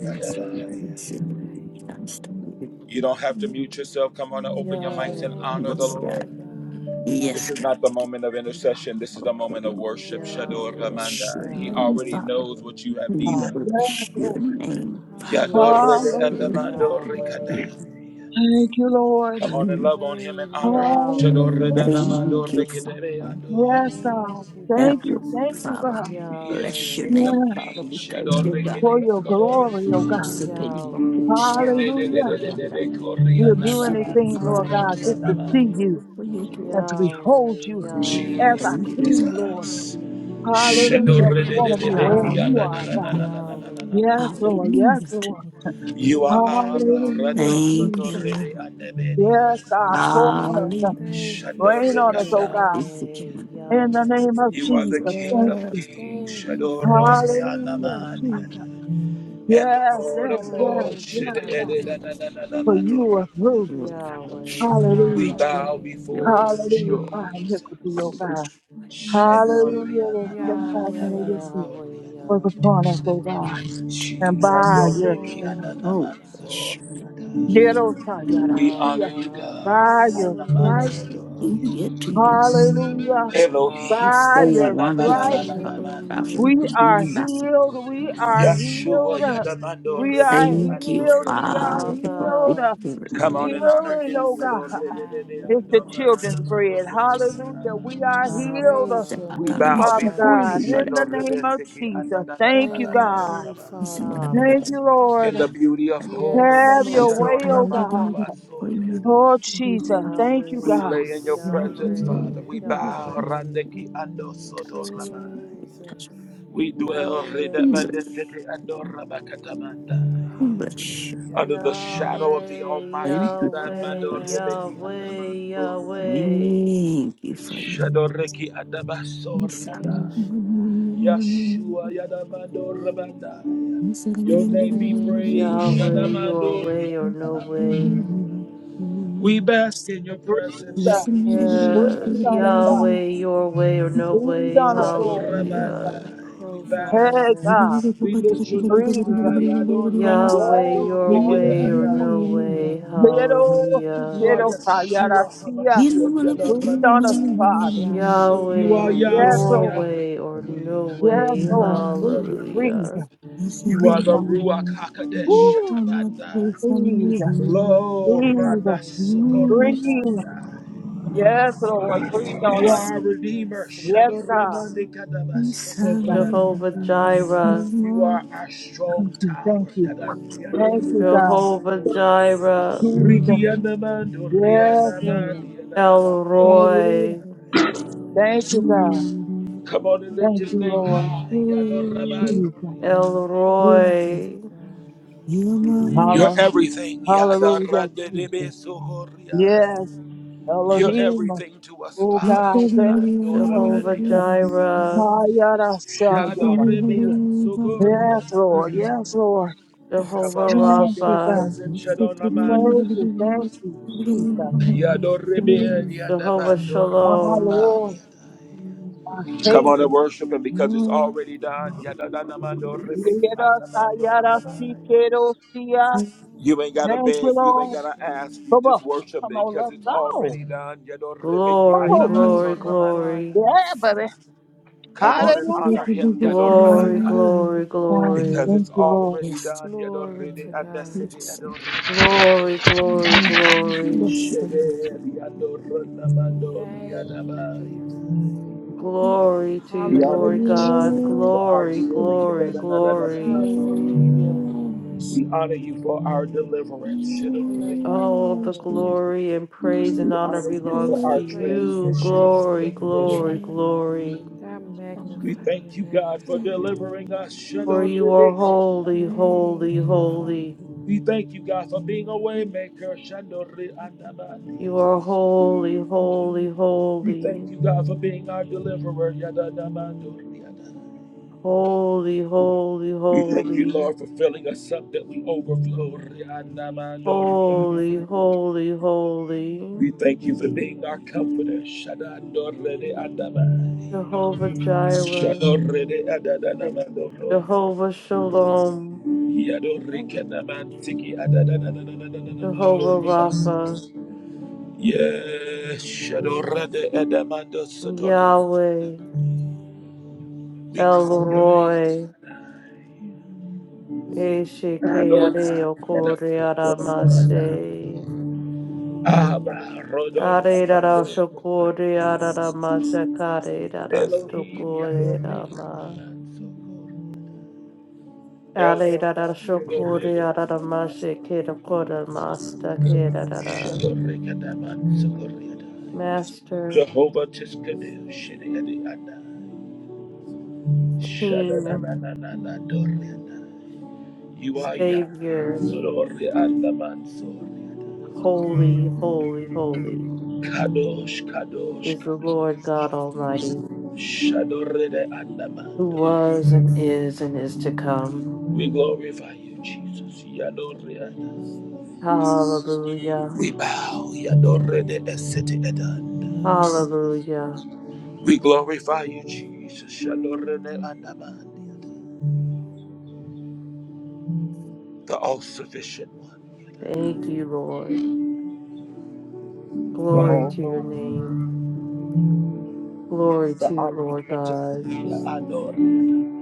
Speaker 6: Yes, we
Speaker 5: Praise
Speaker 6: sit
Speaker 5: your name.
Speaker 6: in
Speaker 1: You don't have to
Speaker 6: the
Speaker 1: mute yourself. Come on
Speaker 2: Yahweh,
Speaker 1: and open your mics
Speaker 2: Yahweh,
Speaker 1: and honor the
Speaker 6: Yes,
Speaker 5: Glory
Speaker 1: Lord.
Speaker 6: God.
Speaker 5: to God.
Speaker 1: This
Speaker 6: Yes,
Speaker 1: is
Speaker 6: God.
Speaker 1: not the moment of intercession. This is
Speaker 6: Father,
Speaker 1: the moment of
Speaker 6: praise
Speaker 1: worship. Shador
Speaker 5: Glory
Speaker 2: Yahweh,
Speaker 5: to
Speaker 6: Bless your
Speaker 1: Ramanda. He
Speaker 5: God.
Speaker 6: name,
Speaker 2: Yahweh,
Speaker 1: already
Speaker 6: Father.
Speaker 1: knows what you have
Speaker 6: We
Speaker 1: need
Speaker 4: God.
Speaker 1: of.
Speaker 4: Yes,
Speaker 6: Bless your
Speaker 4: Lord.
Speaker 6: name,
Speaker 1: Yador Rede
Speaker 2: Yahweh,
Speaker 5: Hallelujah.
Speaker 6: Father.
Speaker 4: Hallelujah.
Speaker 1: Andamando
Speaker 2: Yahweh,
Speaker 1: Rikada.
Speaker 4: Thank you, Lord.
Speaker 1: Come on and
Speaker 6: We
Speaker 1: love on him and honor him.
Speaker 5: Waymaker.
Speaker 1: Shador
Speaker 2: Yahweh,
Speaker 1: Rede
Speaker 4: Hallelujah.
Speaker 6: Thank
Speaker 4: Jesus.
Speaker 1: Andamando
Speaker 2: Yahweh,
Speaker 6: you,
Speaker 1: Rikadere
Speaker 6: Father.
Speaker 4: Yes,
Speaker 1: Ando.
Speaker 5: Thank
Speaker 4: God.
Speaker 5: you,
Speaker 6: Have
Speaker 4: Thank
Speaker 6: your
Speaker 4: you.
Speaker 5: promise
Speaker 6: way,
Speaker 4: Thank you,
Speaker 5: keeper.
Speaker 6: Father.
Speaker 4: God.
Speaker 6: We
Speaker 1: He is the
Speaker 6: Bless your
Speaker 1: King of
Speaker 6: name,
Speaker 4: Yes,
Speaker 6: Father.
Speaker 1: Kings.
Speaker 6: We thank
Speaker 1: Shador
Speaker 6: you, God.
Speaker 4: for
Speaker 1: Rikede
Speaker 4: your
Speaker 1: Ando.
Speaker 5: Praise
Speaker 4: glory, oh
Speaker 5: your
Speaker 6: We
Speaker 4: God.
Speaker 5: holy
Speaker 6: seek in
Speaker 5: name.
Speaker 6: your holy
Speaker 2: Yahweh,
Speaker 6: shepherd and we
Speaker 4: Hallelujah.
Speaker 2: Yahweh,
Speaker 6: wonder.
Speaker 1: Yedededededede Kori
Speaker 4: We'll
Speaker 6: We
Speaker 4: do
Speaker 6: seek it,
Speaker 4: anything,
Speaker 6: give
Speaker 1: Andamanso
Speaker 6: it to
Speaker 4: Lord
Speaker 6: me.
Speaker 4: God,
Speaker 1: Rede
Speaker 4: just to
Speaker 5: Abba.
Speaker 4: see you
Speaker 1: Andamanso.
Speaker 6: for your glory.
Speaker 4: and to behold you as our
Speaker 6: Thank you.
Speaker 4: King, Lord.
Speaker 1: Jesus.
Speaker 6: Thank
Speaker 4: Hallelujah.
Speaker 6: you,
Speaker 4: We
Speaker 6: Father.
Speaker 4: want to
Speaker 2: Yahweh,
Speaker 5: Thank
Speaker 4: be
Speaker 5: you
Speaker 4: where
Speaker 5: for
Speaker 4: you
Speaker 5: your
Speaker 4: are,
Speaker 2: Yahweh,
Speaker 4: God.
Speaker 6: Hallelujah.
Speaker 5: presence.
Speaker 2: Yahweh.
Speaker 4: Yes,
Speaker 1: Shadorredededebekiyadadadadadadadadadadadada.
Speaker 4: Lord. Yes,
Speaker 6: Hallelujah. to you.
Speaker 4: Lord.
Speaker 1: You are
Speaker 5: Glory
Speaker 1: Abba,
Speaker 5: to
Speaker 4: Hallelujah,
Speaker 1: Rando
Speaker 5: God.
Speaker 6: Thank you,
Speaker 4: Jesus.
Speaker 1: Sotorede
Speaker 6: Lord.
Speaker 1: and
Speaker 4: Yes, God, pour on us. uh,
Speaker 6: Hallelujah.
Speaker 5: Thank you for
Speaker 4: Rain on
Speaker 5: your
Speaker 4: us, oh
Speaker 1: Shadorrekanda.
Speaker 5: strength.
Speaker 6: Oh,
Speaker 4: God.
Speaker 6: hallelujah
Speaker 2: Yahweh,
Speaker 4: In the name of
Speaker 2: Yahweh,
Speaker 1: You are the
Speaker 4: Jesus.
Speaker 1: King
Speaker 4: Thank
Speaker 1: of
Speaker 4: you.
Speaker 1: Kings,
Speaker 5: Thank you for
Speaker 1: Shadoro
Speaker 5: health.
Speaker 4: Hallelujah, Jesus.
Speaker 1: Reanamadiana, and the
Speaker 4: Yes,
Speaker 1: Lord of
Speaker 4: yes, yes,
Speaker 5: Glory
Speaker 1: Lords.
Speaker 5: to
Speaker 4: yes, God.
Speaker 5: God.
Speaker 4: For you are bruised.
Speaker 1: Shadedededadadadadadadadadadada.
Speaker 2: Yahweh,
Speaker 1: We
Speaker 4: Hallelujah.
Speaker 2: Yahweh,
Speaker 1: bow
Speaker 5: Yahweh.
Speaker 1: before you,
Speaker 4: Hallelujah. Fire
Speaker 1: Jesus.
Speaker 4: iniquity, oh God. Hallelujah. The steadfastness of
Speaker 5: Yahweh,
Speaker 4: your feet
Speaker 2: Yahweh,
Speaker 4: was
Speaker 1: Shadorreanamandadadadadadadadadada.
Speaker 2: Yahweh,
Speaker 4: upon us, oh God. And
Speaker 1: Jesus,
Speaker 4: by your stripes.
Speaker 5: glory to God.
Speaker 4: Get us, oh, yeah, I
Speaker 1: We
Speaker 4: see
Speaker 1: honor
Speaker 4: us.
Speaker 1: you,
Speaker 2: Abba,
Speaker 1: God.
Speaker 4: By your stripes.
Speaker 5: Hallelujah.
Speaker 6: to you.
Speaker 4: Hallelujah.
Speaker 6: You're
Speaker 1: Elohim.
Speaker 4: By
Speaker 6: so
Speaker 2: Abba,
Speaker 4: your
Speaker 6: wonderful,
Speaker 4: stripes,
Speaker 6: Father. Without you, we
Speaker 4: we
Speaker 5: Hallelujah.
Speaker 6: can do
Speaker 4: are
Speaker 6: nothing.
Speaker 4: healed. We are
Speaker 1: Yeshua,
Speaker 4: healed.
Speaker 1: Yadamando,
Speaker 4: We
Speaker 5: Yes,
Speaker 4: are
Speaker 1: Rebede,
Speaker 6: Thank
Speaker 5: Lord.
Speaker 6: you,
Speaker 1: Ando,
Speaker 4: healed. We
Speaker 1: Rebeda.
Speaker 4: are
Speaker 6: Father, for
Speaker 2: Abba,
Speaker 4: healed.
Speaker 6: victory.
Speaker 1: Come on and
Speaker 5: Thank
Speaker 1: honor
Speaker 5: you
Speaker 4: Healing,
Speaker 5: for
Speaker 1: him.
Speaker 4: oh God.
Speaker 5: sitting high and
Speaker 4: It's the
Speaker 5: looking low.
Speaker 4: children's bread. Hallelujah. We
Speaker 5: I
Speaker 4: are healed, uh,
Speaker 5: praise your
Speaker 2: Abba,
Speaker 1: We
Speaker 6: Sepatana,
Speaker 5: name,
Speaker 1: bow
Speaker 6: which
Speaker 4: Father
Speaker 6: you know
Speaker 1: before
Speaker 5: Father.
Speaker 1: you,
Speaker 6: we
Speaker 4: God, in
Speaker 6: met
Speaker 1: Shano,
Speaker 4: the name of
Speaker 1: Rebetiki,
Speaker 4: Jesus. Thank you,
Speaker 5: Thank
Speaker 1: Andanananananando,
Speaker 4: God.
Speaker 5: you,
Speaker 6: us.
Speaker 5: Father.
Speaker 4: Thank
Speaker 2: Abba,
Speaker 4: you, Lord.
Speaker 1: In
Speaker 6: I
Speaker 1: the beauty of
Speaker 5: Yes,
Speaker 4: Have
Speaker 1: holiness,
Speaker 4: your
Speaker 5: Lord.
Speaker 6: said,
Speaker 1: Shado,
Speaker 4: way, oh
Speaker 6: "Time I get
Speaker 1: Ramando,
Speaker 4: God.
Speaker 6: another for you."
Speaker 1: Vasoriada.
Speaker 4: Oh, Jesus.
Speaker 6: I
Speaker 4: Thank you,
Speaker 1: We
Speaker 4: God.
Speaker 2: Yahweh,
Speaker 1: lay in your
Speaker 5: Jesus.
Speaker 6: love
Speaker 1: presence,
Speaker 2: Yahweh,
Speaker 6: you.
Speaker 1: Father. We bow.
Speaker 2: Yahweh,
Speaker 1: Randeki ando soto
Speaker 6: Touch us,
Speaker 5: Jesus.
Speaker 1: ramai.
Speaker 6: touch
Speaker 1: We dwell
Speaker 2: Yahweh.
Speaker 6: us.
Speaker 1: redamande sete ando rabakatamandai.
Speaker 6: English.
Speaker 5: Hallelujah.
Speaker 1: under the shadow of the
Speaker 2: Yahweh,
Speaker 1: Almighty.
Speaker 6: Thank you for
Speaker 2: Yahweh,
Speaker 1: Adamando
Speaker 6: Francis.
Speaker 5: Adonai.
Speaker 1: rebeki
Speaker 2: Yahweh,
Speaker 1: andamandoriada.
Speaker 2: Yahweh,
Speaker 6: Thank you for your
Speaker 1: Shadoreki
Speaker 6: Miss
Speaker 5: El
Speaker 6: Ali.
Speaker 1: adabasoriada.
Speaker 5: Shaddai.
Speaker 1: Yeshua Yadamando
Speaker 6: Miss
Speaker 1: Rabandai.
Speaker 6: Ali.
Speaker 1: Your name be
Speaker 5: Thank you,
Speaker 1: praised.
Speaker 2: Yahweh,
Speaker 5: Waymaker.
Speaker 2: your
Speaker 1: Shadamando
Speaker 2: way or no
Speaker 1: riada.
Speaker 2: way.
Speaker 1: We bask in
Speaker 4: The
Speaker 1: your presence,
Speaker 4: breathe, uh,
Speaker 5: Jesus,
Speaker 1: Jesus.
Speaker 4: breathe
Speaker 2: Yes,
Speaker 4: on us, God.
Speaker 2: Yahweh, your way or no
Speaker 4: Breathe
Speaker 2: way,
Speaker 4: on us, Lord Jesus.
Speaker 2: hallelujah.
Speaker 1: Yadorabandai. We bask.
Speaker 4: Hey, God.
Speaker 5: provider,
Speaker 1: We lift your name
Speaker 4: Breathe.
Speaker 1: high.
Speaker 6: Listen,
Speaker 2: Yahweh,
Speaker 4: Yes,
Speaker 1: Yadorabando
Speaker 2: your
Speaker 6: Yes,
Speaker 2: way or
Speaker 4: hallelujah.
Speaker 2: no
Speaker 1: Rigidaandai.
Speaker 2: way,
Speaker 5: healer,
Speaker 4: Little,
Speaker 1: You are
Speaker 2: hallelujah.
Speaker 4: little fire.
Speaker 1: Yeshua Hamashiach.
Speaker 4: Breathe on us,
Speaker 1: Yadorabandai.
Speaker 4: Father.
Speaker 1: You are
Speaker 2: Yahweh,
Speaker 5: Yahshua,
Speaker 6: Yes.
Speaker 1: Yahweh,
Speaker 4: Yes,
Speaker 1: Yahweh,
Speaker 2: your
Speaker 4: Lord.
Speaker 2: way or
Speaker 1: Yahweh,
Speaker 2: no
Speaker 4: Yes,
Speaker 2: way,
Speaker 4: Lord. Breathe, breathe,
Speaker 1: Yahweh.
Speaker 2: hallelujah.
Speaker 1: You are
Speaker 4: breathe
Speaker 1: the
Speaker 4: on us.
Speaker 1: Ruach HaKodesh.
Speaker 4: Woo,
Speaker 1: Shatabandai.
Speaker 4: breathe,
Speaker 5: Thank
Speaker 1: Lord
Speaker 5: you,
Speaker 4: breathe,
Speaker 5: Emmanuel.
Speaker 4: breathe.
Speaker 1: Radasokorikandai.
Speaker 4: Yes, Lord. Breathe on
Speaker 1: You are
Speaker 4: us.
Speaker 1: our Redeemer.
Speaker 5: Yes,
Speaker 4: Yes,
Speaker 5: Lord.
Speaker 4: God. Jesus,
Speaker 2: Jehovah
Speaker 1: Shadoramandikadabasokorabandai.
Speaker 2: Jireh,
Speaker 1: You are a strong
Speaker 4: Jesus, thank
Speaker 1: tower.
Speaker 4: you. Thank
Speaker 5: Thank
Speaker 4: you,
Speaker 5: you,
Speaker 4: God.
Speaker 2: Jehovah
Speaker 5: Jehovah Rapha,
Speaker 2: Jireh,
Speaker 4: Jesus. Yes, Lord.
Speaker 2: El
Speaker 4: Hallelujah.
Speaker 2: Roy,
Speaker 5: El
Speaker 4: Thank you, God.
Speaker 5: Elyon.
Speaker 1: Come on and lift
Speaker 4: Thank
Speaker 1: his
Speaker 4: you,
Speaker 1: name
Speaker 4: Lord.
Speaker 1: high.
Speaker 4: Jesus.
Speaker 2: El
Speaker 5: Glory to
Speaker 2: Roy,
Speaker 5: God.
Speaker 1: You're
Speaker 4: Hallelujah,
Speaker 1: everything.
Speaker 4: hallelujah, Jesus. Yes,
Speaker 1: You're
Speaker 4: Elohim,
Speaker 1: everything to us,
Speaker 4: oh
Speaker 1: Father.
Speaker 4: God, thank you, Lord
Speaker 2: Jehovah
Speaker 4: Jesus.
Speaker 5: Jesus,
Speaker 2: Jireh,
Speaker 4: Hayara Sayara. Yes, Lord, yes, Lord.
Speaker 6: Yes.
Speaker 1: Come
Speaker 2: Jehovah
Speaker 1: on
Speaker 4: Yes,
Speaker 1: and soak
Speaker 5: Adonai,
Speaker 1: in
Speaker 4: oh
Speaker 1: his
Speaker 2: Rapha,
Speaker 4: God.
Speaker 6: Yes. Yes. Mhm.
Speaker 1: presence.
Speaker 4: Thank you, thank you, Jesus.
Speaker 1: Come
Speaker 5: King of
Speaker 6: Yes.
Speaker 4: Be
Speaker 5: Kings.
Speaker 2: Jehovah
Speaker 6: Yes.
Speaker 4: my
Speaker 6: Yes.
Speaker 2: Shalom.
Speaker 4: Lord, my
Speaker 1: on and
Speaker 4: Savior.
Speaker 1: worship him because it's already done.
Speaker 5: Yes,
Speaker 4: Yera
Speaker 5: Father,
Speaker 4: Sayara Sikero Sia.
Speaker 6: Yes.
Speaker 1: You ain't gotta
Speaker 4: Thank you,
Speaker 1: beg,
Speaker 5: promise
Speaker 1: you ain't
Speaker 4: Lord.
Speaker 1: gotta
Speaker 5: keeper,
Speaker 1: ask, you
Speaker 4: Come on,
Speaker 1: just worship
Speaker 4: come
Speaker 1: me
Speaker 4: on,
Speaker 1: because
Speaker 4: let's
Speaker 1: it's
Speaker 4: go.
Speaker 1: already done.
Speaker 4: Come
Speaker 2: Glory,
Speaker 4: on.
Speaker 5: light
Speaker 2: glory,
Speaker 5: in the
Speaker 2: glory,
Speaker 4: Yeah,
Speaker 5: darkness.
Speaker 4: baby.
Speaker 1: Come on and honor
Speaker 4: Hallelujah.
Speaker 1: him
Speaker 4: Oh,
Speaker 2: glory,
Speaker 5: peacemaker.
Speaker 2: glory,
Speaker 4: God,
Speaker 1: because
Speaker 2: glory,
Speaker 4: Thank
Speaker 1: it's
Speaker 4: you, Lord.
Speaker 1: already done.
Speaker 5: Glory to God.
Speaker 2: glory, glory,
Speaker 5: Thank you,
Speaker 2: glory,
Speaker 5: Jesus.
Speaker 1: Shede,
Speaker 5: Thank you, Jesus.
Speaker 2: glory to you,
Speaker 1: We honor
Speaker 2: Lord
Speaker 1: you,
Speaker 5: Hallelujah.
Speaker 1: Jesus,
Speaker 2: God,
Speaker 1: for our
Speaker 2: glory,
Speaker 1: healing.
Speaker 2: glory, glory.
Speaker 5: Hallelujah.
Speaker 1: We honor you for our deliverance.
Speaker 5: I love you,
Speaker 2: All the
Speaker 5: Father.
Speaker 2: glory and praise and
Speaker 1: We
Speaker 2: honor
Speaker 1: honor you for
Speaker 2: belongs
Speaker 5: I
Speaker 2: to
Speaker 1: our
Speaker 5: praise your
Speaker 2: you.
Speaker 1: transition.
Speaker 5: name.
Speaker 2: Glory, glory, glory.
Speaker 5: I
Speaker 1: We
Speaker 5: magnify your
Speaker 1: thank you, God,
Speaker 5: name.
Speaker 1: for delivering us.
Speaker 2: For you are holy,
Speaker 5: Thank
Speaker 2: holy,
Speaker 5: you,
Speaker 2: holy.
Speaker 5: Father.
Speaker 1: We thank you, God, for being a waymaker.
Speaker 2: You are holy, holy,
Speaker 1: We
Speaker 2: holy,
Speaker 1: thank you, God, for being our deliverer.
Speaker 2: holy, holy,
Speaker 1: We thank you,
Speaker 2: holy.
Speaker 1: Lord, for filling us up that we overflow.
Speaker 2: Holy, holy, holy,
Speaker 1: We thank you for being our comforter. Shadadorele adama.
Speaker 2: Jehovah Jireh,
Speaker 1: Shadorele
Speaker 6: Thank you.
Speaker 1: adadanamadoro.
Speaker 2: Jehovah Shalom,
Speaker 6: Thank
Speaker 1: Yadorekenamantiki adadadadadadadadamadoro.
Speaker 2: Jehovah Rapha,
Speaker 3: Thank you.
Speaker 1: Yes, Shadorele adamando sotore.
Speaker 2: Yahweh,
Speaker 1: we
Speaker 2: El
Speaker 1: call your name.
Speaker 2: Roy,
Speaker 3: Thank
Speaker 2: Eshike
Speaker 1: Adonai,
Speaker 2: Areo Kore
Speaker 1: adadamadoro.
Speaker 2: Aramashe,
Speaker 1: Abba, Rodon,
Speaker 2: Are Dara Shokore Aramashe Kare Dara
Speaker 1: Elohim,
Speaker 2: Stokore
Speaker 1: Yadore,
Speaker 2: Rama. Are
Speaker 1: El
Speaker 2: Dara Shokore
Speaker 1: Elyon,
Speaker 2: Aramashe Kere Kore Master Kere Dara. Master,
Speaker 1: Jehovah Tiskadu, Shidi Adai,
Speaker 2: King,
Speaker 1: Shadadadadadada, Doriadai. You are
Speaker 6: you.
Speaker 1: Yah,
Speaker 2: Savior,
Speaker 1: Lori Adaman, Soriadai.
Speaker 2: holy, holy, holy
Speaker 1: Kadosh, Kadosh,
Speaker 2: is the Lord
Speaker 1: Kadosh,
Speaker 2: God Almighty,
Speaker 1: Shadorede
Speaker 2: who
Speaker 1: Adamando.
Speaker 2: was and is and is to come.
Speaker 1: We glorify you, Jesus, Yadoriadai.
Speaker 2: Hallelujah.
Speaker 1: We bow, Yadorede Esete Edan.
Speaker 2: Hallelujah.
Speaker 1: We glorify you, Jesus. Shalorene andabandi.
Speaker 3: you.
Speaker 1: The all sufficient one,
Speaker 2: Thank you, Lord.
Speaker 1: the
Speaker 2: Glory
Speaker 1: all
Speaker 2: to your
Speaker 1: knowing,
Speaker 2: name. Glory
Speaker 1: the
Speaker 2: to you, Lord
Speaker 1: omnipotent,
Speaker 2: God.
Speaker 1: the adorable,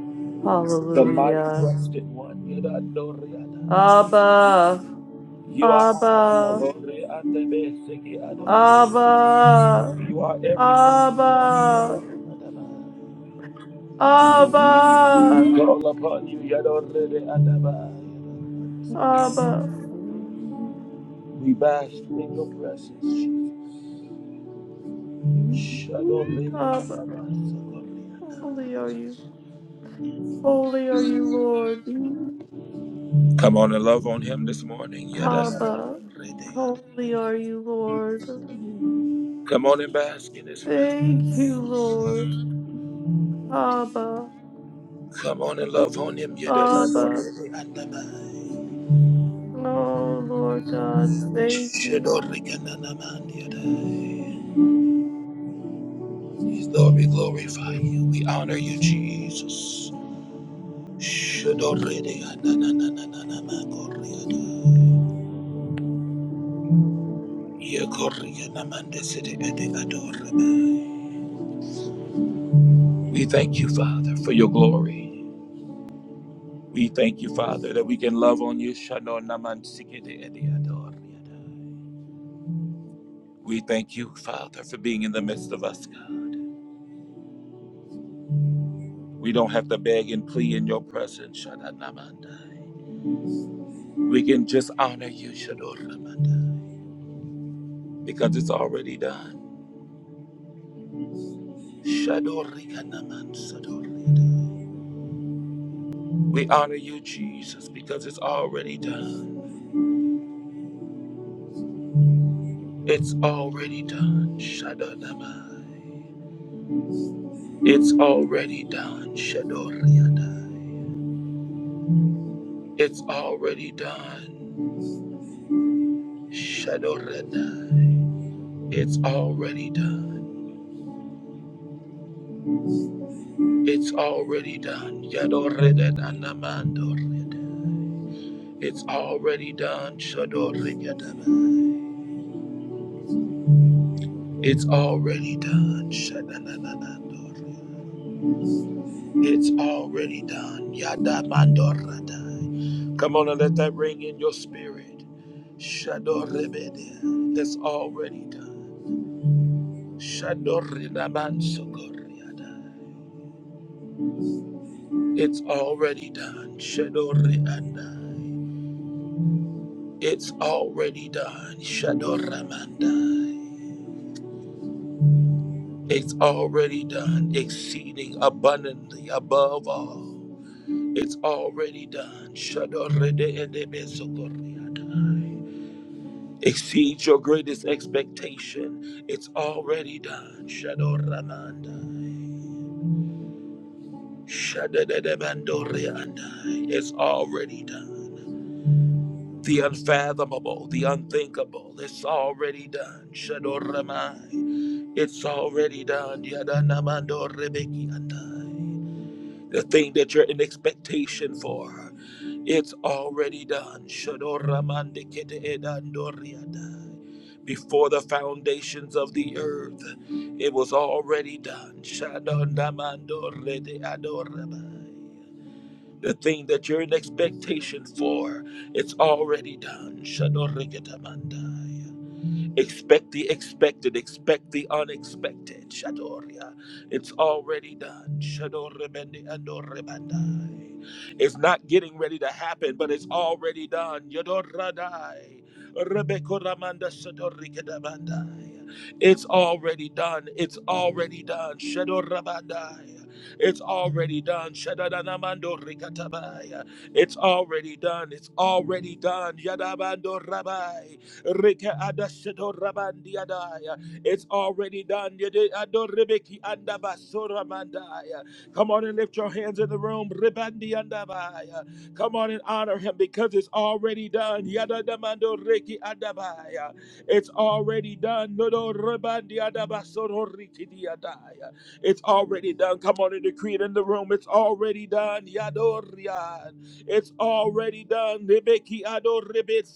Speaker 1: the mighty
Speaker 2: Hallelujah.
Speaker 1: breasted one. Yadadoriada.
Speaker 2: Abba,
Speaker 1: You are Abba,
Speaker 2: Abba,
Speaker 1: Lore, andabeseke ador.
Speaker 2: Abba,
Speaker 1: You are everything to us.
Speaker 2: Abba,
Speaker 1: Yadorene andabandi.
Speaker 2: Abba,
Speaker 1: Call upon you, Yadorene andabandi.
Speaker 2: Abba,
Speaker 1: We bask in your presence, Jesus. Shadorene
Speaker 2: Abba.
Speaker 1: andabandi.
Speaker 2: Holy are you. Holy are you, Lord.
Speaker 1: Come on and love on him this morning.
Speaker 2: Haba.
Speaker 1: Yadadadadorede.
Speaker 2: Holy are you, Lord.
Speaker 1: Come on and bask in his presence.
Speaker 2: Thank you, Lord. Haba.
Speaker 1: Come on and love on him.
Speaker 2: Abba.
Speaker 1: Yadadadorede andabai.
Speaker 2: Oh, Lord God, thank you.
Speaker 1: Shadorikananamandiadai.
Speaker 3: Find
Speaker 1: Lord, we glorify you. We honor you, Jesus. Shadorede ananananananamagoriadai. Yekorianamandesede ede adorabai. We thank you, Father, for your glory. We thank you, Father, that we can love on you. Shano naman sikete edi We thank you, Father, for being in the midst of us, God. We don't have to beg and plead in your presence. Shana namandai. We can just honor you, Shador namandai, because it's already done. Shador naman sador We honor you, Jesus, because it's already done. It's already done. Shador It's already done. Shador It's already done. Shadoredai. It's already done. It's already done. Yadoredanamandoreda. It's already done. Shadoregadama. It's already done. Shadananandoreda. It's already done. Yadamandorada. Come on and let that ring in your spirit. Shadorebede. It's already done. Shadoredamansokoreada. It's already done. Shadori and I. It's already done. Shadoramandai. It's already done. Exceeding abundantly above all. It's already done. Shadorede and Exceeds your greatest expectation. It's already done. Shadoramandai. Shadadadabandoriandai. It's already done. the unfathomable, the unthinkable. It's already done. Shadoramai. It's already done. Yadanamandorebekiandai. The thing that you're in expectation for, it's already done. Shadoramandiketeedandoriadai. Before the foundations of the earth, it was already done. Shadondamandoredeadorabai. The thing that you're in expectation for, it's already done. Shadorikitamandai. Expect the expected, expect the unexpected. Shadoria. It's already done. Shadorebendi andorebandai. It's not getting ready to happen, but it's already done. Yodoradai. Rebekoramanda shadorikadabandai. It's already done. It's already done. Shadorabandai. It's already done. Shadadanamando rikatabaya. It's already done. It's already done. Yadabando rabai. Reke adashedo rabandi adaya. It's already done. Yede adorebeki andabasora mandaya. Come on and lift your hands in the room. Ribandi andabaya. Come on and honor him because it's already done. Yada damando reki andabaya. It's already done. Nodo ribandi andabasoro riki diadaya. It's already done. Come on and decree it in the room. It's already done. Yadorian. It's already done. Rebeki ado rebet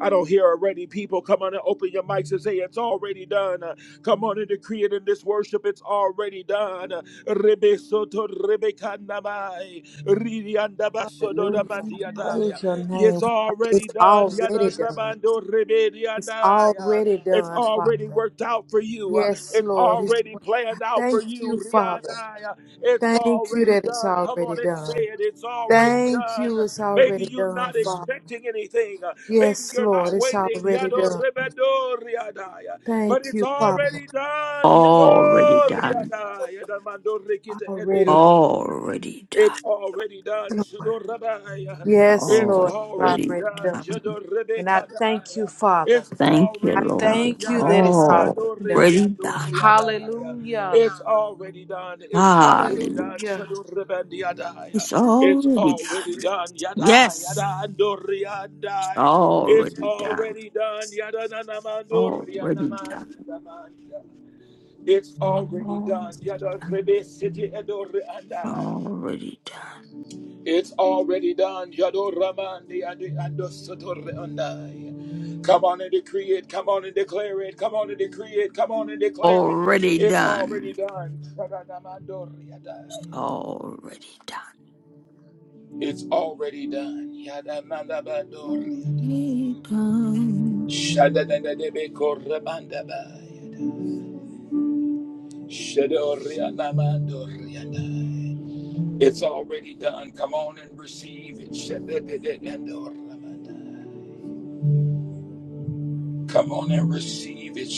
Speaker 1: I don't hear already. People, come on and open your mics and say it's already done. Uh, Come on and decree it in this worship. It's already done. Uh, Rebe soto rebe kanamai. Riri andaba sodo
Speaker 5: Hallelujah.
Speaker 1: da
Speaker 3: that
Speaker 1: mandiadaya.
Speaker 5: Praise your name,
Speaker 1: It's
Speaker 5: Father. It's
Speaker 1: already done.
Speaker 5: already
Speaker 1: Yada
Speaker 5: done.
Speaker 1: rabando rebe
Speaker 5: It's
Speaker 1: diandaya.
Speaker 5: already
Speaker 1: It's
Speaker 5: done,
Speaker 1: already
Speaker 5: Father.
Speaker 1: worked out for you. Uh,
Speaker 5: Yes,
Speaker 1: It's
Speaker 5: Lord. It's,
Speaker 1: already planned out
Speaker 5: thank
Speaker 1: for
Speaker 5: you,
Speaker 1: you.
Speaker 5: Father.
Speaker 1: Riadaya. It's
Speaker 5: Thank you
Speaker 1: already
Speaker 5: that it's
Speaker 1: done. Come
Speaker 5: already
Speaker 1: on and say
Speaker 5: done.
Speaker 1: it. It's already
Speaker 5: Thank
Speaker 1: done.
Speaker 5: you, it's
Speaker 1: Maybe
Speaker 5: already
Speaker 1: you're
Speaker 5: done,
Speaker 1: not
Speaker 5: Father.
Speaker 1: expecting anything. Uh, Maybe
Speaker 5: Yes,
Speaker 1: you're
Speaker 5: Lord,
Speaker 1: not
Speaker 5: it's
Speaker 1: waiting.
Speaker 5: already
Speaker 1: Yado
Speaker 5: done.
Speaker 1: rebedo riadaya. But
Speaker 5: Thank
Speaker 1: it's
Speaker 5: you, Father.
Speaker 1: already done.
Speaker 6: Already
Speaker 1: Yado
Speaker 6: done.
Speaker 1: riadaya. Damando rikita ediadoria.
Speaker 5: Already
Speaker 6: Already done.
Speaker 1: It's already done.
Speaker 5: done, Lord.
Speaker 1: Shado
Speaker 5: Yes,
Speaker 1: It's
Speaker 5: Lord, it's
Speaker 1: already
Speaker 6: Already
Speaker 5: already
Speaker 1: done.
Speaker 5: done.
Speaker 6: done.
Speaker 1: Jado
Speaker 5: And I thank you, Father.
Speaker 1: It's
Speaker 6: Thank you,
Speaker 5: I
Speaker 1: already
Speaker 6: Lord.
Speaker 1: done.
Speaker 6: It's
Speaker 5: thank you
Speaker 1: Yada
Speaker 5: that it's already done.
Speaker 6: already done.
Speaker 5: Hallelujah.
Speaker 1: It's already done. It's already
Speaker 6: Hallelujah.
Speaker 1: done.
Speaker 5: Hallelujah.
Speaker 1: Shado
Speaker 6: It's
Speaker 1: It's
Speaker 6: already done.
Speaker 1: already done. Yada
Speaker 6: Yes.
Speaker 1: yada do
Speaker 6: It's
Speaker 1: it's
Speaker 6: already done.
Speaker 1: already done.
Speaker 6: Already done.
Speaker 1: It's already
Speaker 6: Already
Speaker 1: done.
Speaker 6: done. Already done.
Speaker 1: It's already done. Come on and decree it. Come on and declare it. Come on and decree it. Come on and declare it.
Speaker 6: Already
Speaker 1: It's already
Speaker 6: done.
Speaker 1: done.
Speaker 6: Already
Speaker 1: It's already done.
Speaker 6: done. Already done.
Speaker 1: It's already done. Come on and receive it. Come on and receive it.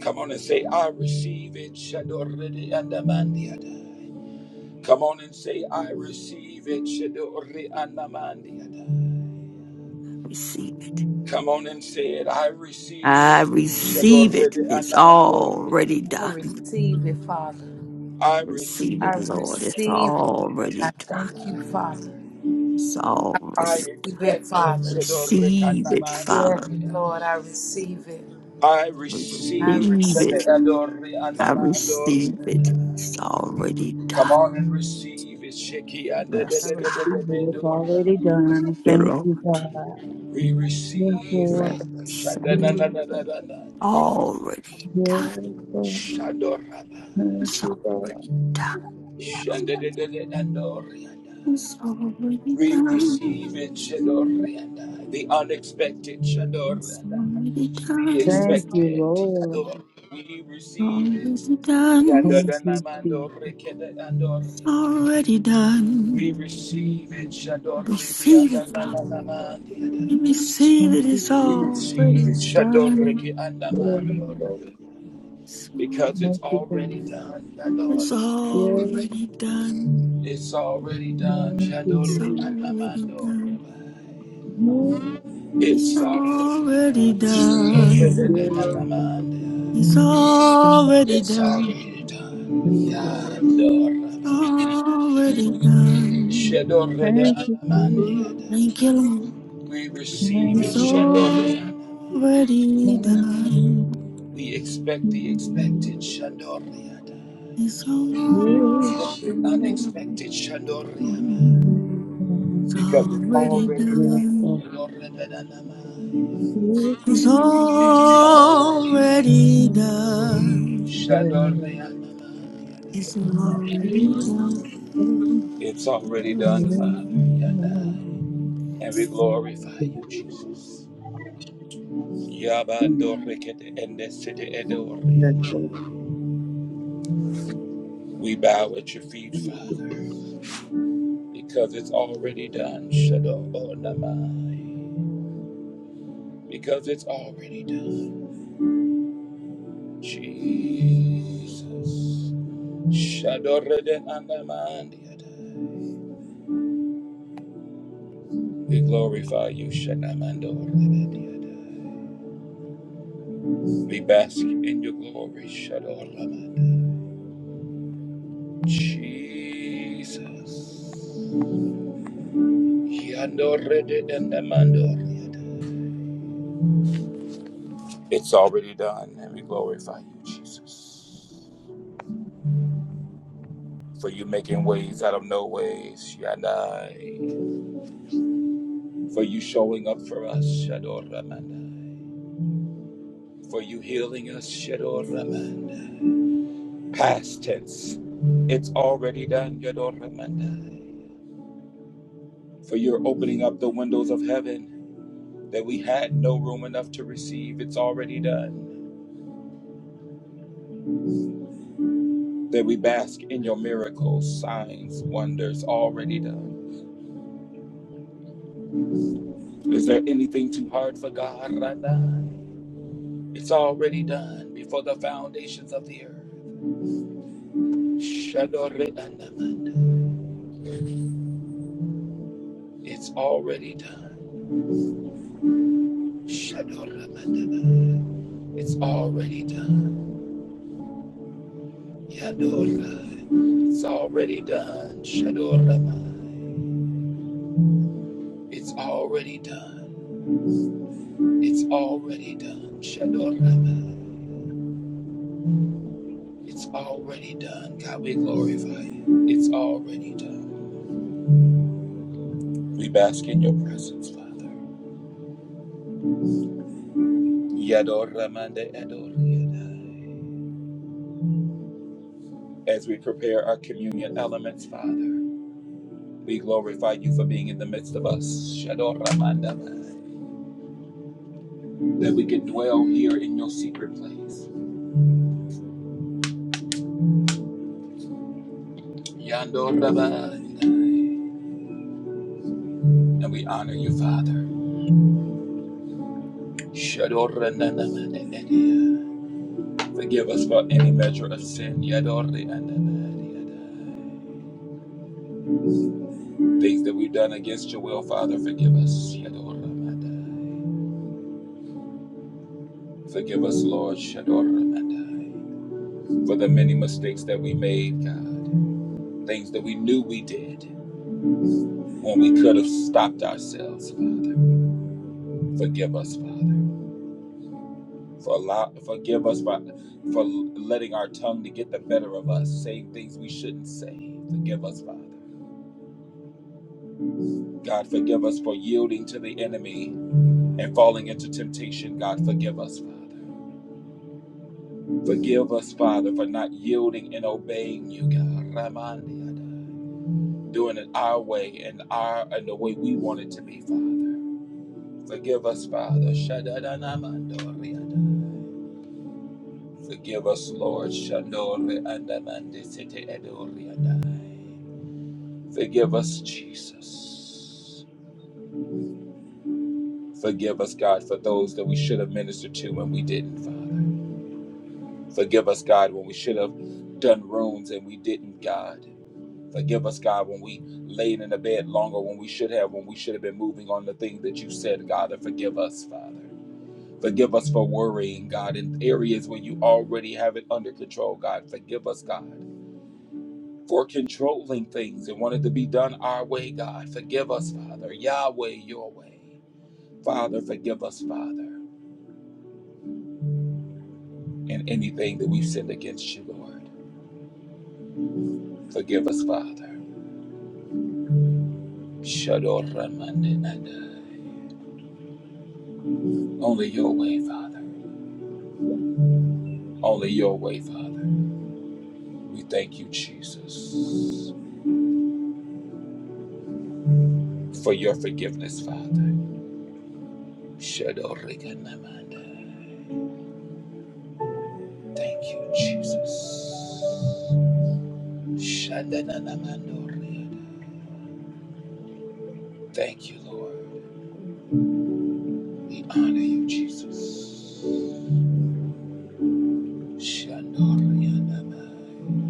Speaker 1: Come on and say, I receive it. Come on and say, I receive it.
Speaker 6: Receive it.
Speaker 1: Come on and say it. I receive it.
Speaker 6: I receive it. It's already
Speaker 5: I
Speaker 6: done.
Speaker 5: receive it, Father.
Speaker 1: I
Speaker 6: Receive
Speaker 5: I
Speaker 6: it,
Speaker 1: receive it,
Speaker 6: Lord. It's
Speaker 1: Shador
Speaker 5: receive it.
Speaker 6: already
Speaker 5: I
Speaker 6: done.
Speaker 5: thank you,
Speaker 1: Rekanamando.
Speaker 5: Father.
Speaker 6: It's
Speaker 1: I
Speaker 6: already.
Speaker 5: Receive
Speaker 1: expect
Speaker 5: it,
Speaker 1: it,
Speaker 5: Father.
Speaker 1: Shador
Speaker 6: Receive it,
Speaker 1: Rekanamando.
Speaker 5: Yes,
Speaker 6: Father.
Speaker 5: Lord, I receive it.
Speaker 1: I
Speaker 5: I
Speaker 1: receive
Speaker 6: Receive
Speaker 5: receive
Speaker 6: it.
Speaker 1: Shador
Speaker 6: I
Speaker 1: Rekanamando.
Speaker 6: receive it. It's already
Speaker 1: Come
Speaker 6: done.
Speaker 1: on and receive it, Shiki and the the-
Speaker 4: I
Speaker 6: Yes,
Speaker 1: the-
Speaker 4: receive
Speaker 1: the-
Speaker 6: God.
Speaker 1: the- the-
Speaker 4: it. It's
Speaker 1: the-
Speaker 4: already done.
Speaker 6: Yeah,
Speaker 4: Thank
Speaker 6: Lord.
Speaker 4: you, God.
Speaker 1: We
Speaker 4: Yes,
Speaker 1: receive
Speaker 6: Let
Speaker 4: Lord.
Speaker 6: it set.
Speaker 4: Please.
Speaker 1: Shadananananananando.
Speaker 6: Already done.
Speaker 4: Yes, Lord.
Speaker 1: Shadorana.
Speaker 4: Thank
Speaker 6: It's
Speaker 4: you,
Speaker 6: already
Speaker 4: God.
Speaker 6: done.
Speaker 1: Shandadadadadandorianda.
Speaker 6: It's already
Speaker 1: We
Speaker 6: done.
Speaker 1: receive it, Shadorianda. The unexpected,
Speaker 6: It's already
Speaker 1: Shadorianda. The
Speaker 6: done.
Speaker 4: Thank you,
Speaker 1: expected,
Speaker 4: Lord.
Speaker 1: Shador. We receive it.
Speaker 6: Already done.
Speaker 4: Thank you, Jesus.
Speaker 1: Yandadanamando rekedandorianda.
Speaker 6: Already done.
Speaker 1: We
Speaker 4: Thank
Speaker 1: receive it,
Speaker 4: you, God.
Speaker 6: Receive it, Bob.
Speaker 1: Shadorianda.
Speaker 6: You receive
Speaker 4: Thank
Speaker 6: it.
Speaker 4: you,
Speaker 6: It's
Speaker 1: We
Speaker 4: Jesus.
Speaker 1: receive it,
Speaker 6: already done.
Speaker 4: Yes, Lord. Thank you, God.
Speaker 1: Shadorianda.
Speaker 6: So
Speaker 1: Because
Speaker 4: Yes,
Speaker 1: it's
Speaker 4: thank you, Jesus.
Speaker 1: already done,
Speaker 6: it's
Speaker 1: Shadorianda.
Speaker 4: Yes,
Speaker 6: already done.
Speaker 1: It's already
Speaker 4: yes. God.
Speaker 1: done,
Speaker 4: Thank you, Lord.
Speaker 6: It's
Speaker 1: Shadorianda.
Speaker 4: Thank you,
Speaker 6: already done.
Speaker 4: Jesus.
Speaker 6: It's
Speaker 1: It's all
Speaker 6: already done.
Speaker 1: Shadorabanda.
Speaker 6: It's already
Speaker 1: It's all
Speaker 6: done. It's
Speaker 1: Yadorabanda.
Speaker 6: already done. Thank
Speaker 1: Shadorabanda.
Speaker 6: you, Lord.
Speaker 1: We receive
Speaker 4: Thank
Speaker 1: it.
Speaker 6: It's
Speaker 4: you,
Speaker 1: Shadorabanda.
Speaker 6: already
Speaker 4: Lord.
Speaker 6: done.
Speaker 1: We
Speaker 4: Thank
Speaker 1: expect the
Speaker 4: you.
Speaker 1: expected. Shadorabanda.
Speaker 6: It's already
Speaker 4: Yes,
Speaker 1: The
Speaker 6: done.
Speaker 4: Lord.
Speaker 1: unexpected. Shadorabanda.
Speaker 4: Yes,
Speaker 6: It's
Speaker 1: Because it's
Speaker 6: already
Speaker 1: already
Speaker 4: Yes,
Speaker 1: done.
Speaker 6: done.
Speaker 1: Shadorabanda.
Speaker 4: Yes,
Speaker 6: It's
Speaker 1: It's already done.
Speaker 6: already done.
Speaker 1: Shadorabanda.
Speaker 6: It's already done.
Speaker 1: It's already done, Father. Yeah, nah. And we glorify you, Jesus. Yabandorikete endesite
Speaker 4: Yes,
Speaker 1: edoriata. We bow at your feet, Father, because it's already done. Shadoronamai. Because it's already done. Jesus. Shadoredeandamandiadai. We glorify you, Shanamandoredeandiadai. We bask in your glory, Shadoramandai. Jesus. It's already done, and we glorify you, Jesus. For you making ways out of no ways, Shaddai. For you showing up for us, Shador Ramandai. For you healing us, Shador Ramandai. Past tense, it's already done, Yador Ramandai. For you're opening up the windows of heaven that we had no room enough to receive, it's already done. that we bask in your miracles, signs, wonders already done. Is there anything too hard for God? It's already done before the foundations of the earth. It's already done. It's already done. It's already done. It's already done. It's already done. It's already done. God, we glorify you. It's already done. We bask in your presence, Father. Yador Ramande Ador Yadai. As we prepare our communion elements, Father, we glorify you for being in the midst of us. Shador Ramanda That we can dwell here in your secret place. Yandor Ramandai. And we honor you, Father. Shador Rananda Edia. Forgive us for any measure of sin. Yador Ramanda Mai. Things that we've done against your will, Father, forgive us. Shadoramandai. Forgive us, Lord. Shadoramandai. For the many mistakes that we made, God. Things that we knew we did when we could have stopped ourselves, Father. Forgive us, Father. For allow, forgive us for, for letting our tongue to get the better of us, saying things we shouldn't say. Forgive us, Father. God, forgive us for yielding to the enemy and falling into temptation. God, forgive us, Father. Forgive us, Father, for not yielding and obeying you, God. Ramandiada. Doing it our way and our and the way we want it to be, Father. Forgive us, Father. Shadadanamandoriada. Forgive us, Lord. Shandore andamandisite edoriada. Forgive us, Jesus. Forgive us, God, for those that we should have ministered to and we didn't, Father. Forgive us, God, when we should have done wrongs and we didn't, God. Forgive us, God, when we laid in the bed longer when we should have, when we should have been moving on the thing that you said, God, and forgive us, Father. Forgive us for worrying, God, in areas where you already have it under control, God. Forgive us, God, for controlling things and wanting to be done our way, God. Forgive us, Father. Yahweh, your way. Father, forgive us, Father, in anything that we've sinned against you, Lord. Forgive us, Father. Shador Ramanenadai. Only your way, Father. Only your way, Father. We thank you, Jesus, for your forgiveness, Father. Shadorikanamanda. Thank you, Jesus. Shandananamandoriada. Thank you, Lord. We honor you, Jesus. Shandorianamai.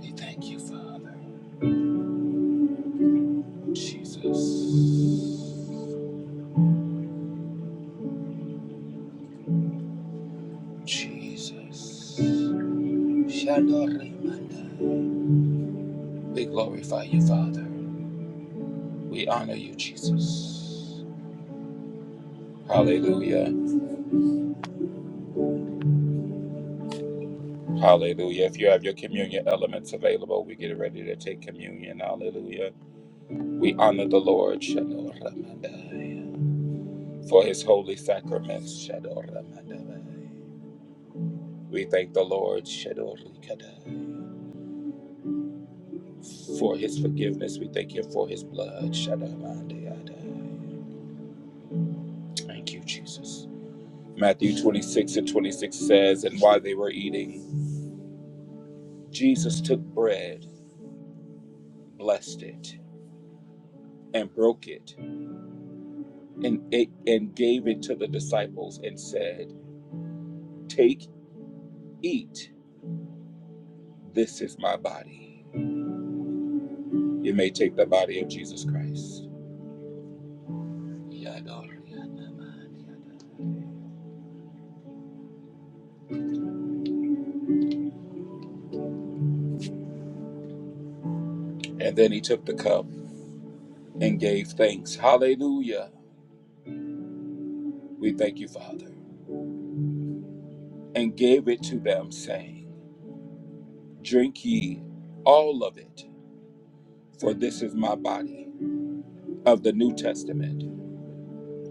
Speaker 1: We thank you, Father. Jesus. Jesus. Shadorimanda. We glorify you, Father. We honor you, Jesus. Hallelujah. Hallelujah. If you have your communion elements available, we get ready to take communion. Hallelujah. We honor the Lord, Shador Ramadai, for his holy sacraments, Shador Ramadai. We thank the Lord, Shador Likadai, for his forgiveness. We thank him for his blood, Shador Ramadai. Thank you, Jesus. Matthew 26 and 26 says, And while they were eating, Jesus took bread, blessed it, and broke it, and it and gave it to the disciples and said, "Take, eat. This is my body. You may take the body of Jesus Christ." And then he took the cup and gave thanks. Hallelujah. We thank you, Father. And gave it to them, saying, Drink ye all of it, for this is my body of the New Testament,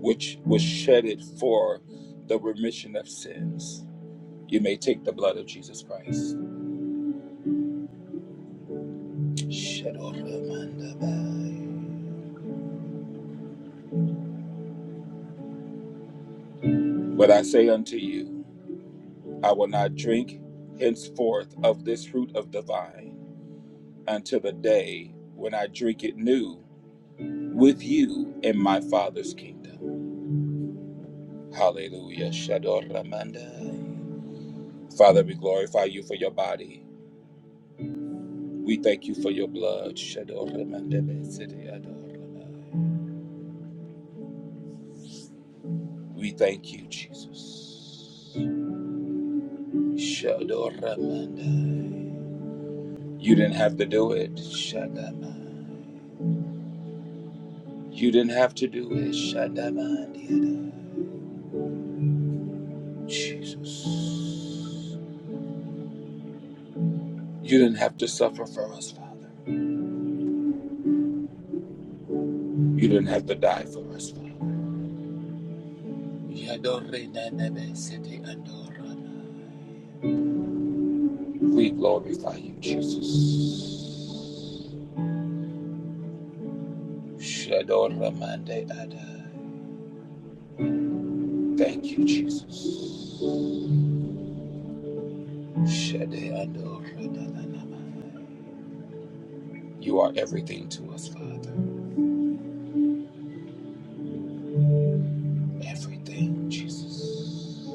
Speaker 1: which was shedded for the remission of sins. You may take the blood of Jesus Christ. But I say unto you, I will not drink henceforth of this fruit of the vine until the day when I drink it new with you in my Father's kingdom. Hallelujah. Father, we glorify you for your body. We thank you for your blood. We thank you, Jesus. Shadoramandai. You didn't have to do it. Shadamai. You didn't have to do it. Shadamandiadai. Jesus. You didn't have to suffer for us, Father. You didn't have to die for us, Father. Yadorenanabesete andoranai. We glorify you, Jesus. Shadoramandai adai. Thank you, Jesus. You are everything to us, Father. Everything, Jesus.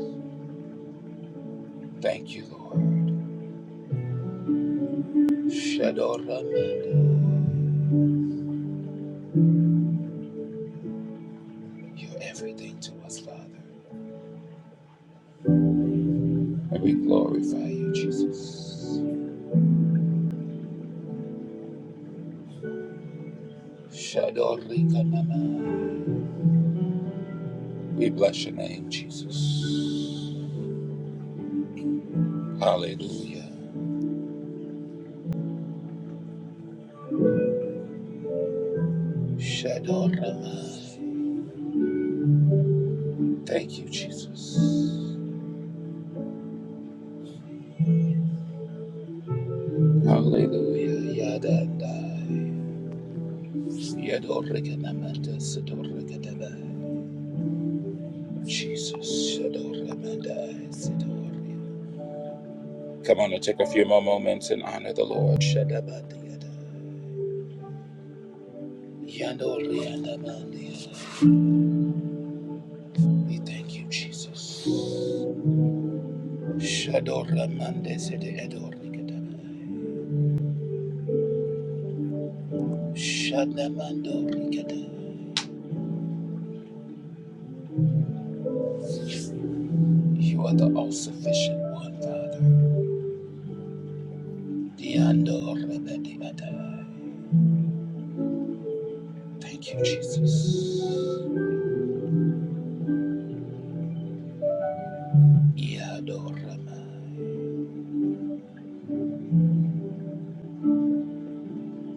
Speaker 1: Thank you, Lord. You're everything to us, Father. And we glorify you, Jesus. We bless your name, Jesus. Hallelujah. Thank you, Jesus. Hallelujah. Yadandai. Jesus. Come on and take a few more moments and honor the Lord. We thank you, Jesus. You are the all sufficient one, Father. Thank you, Jesus.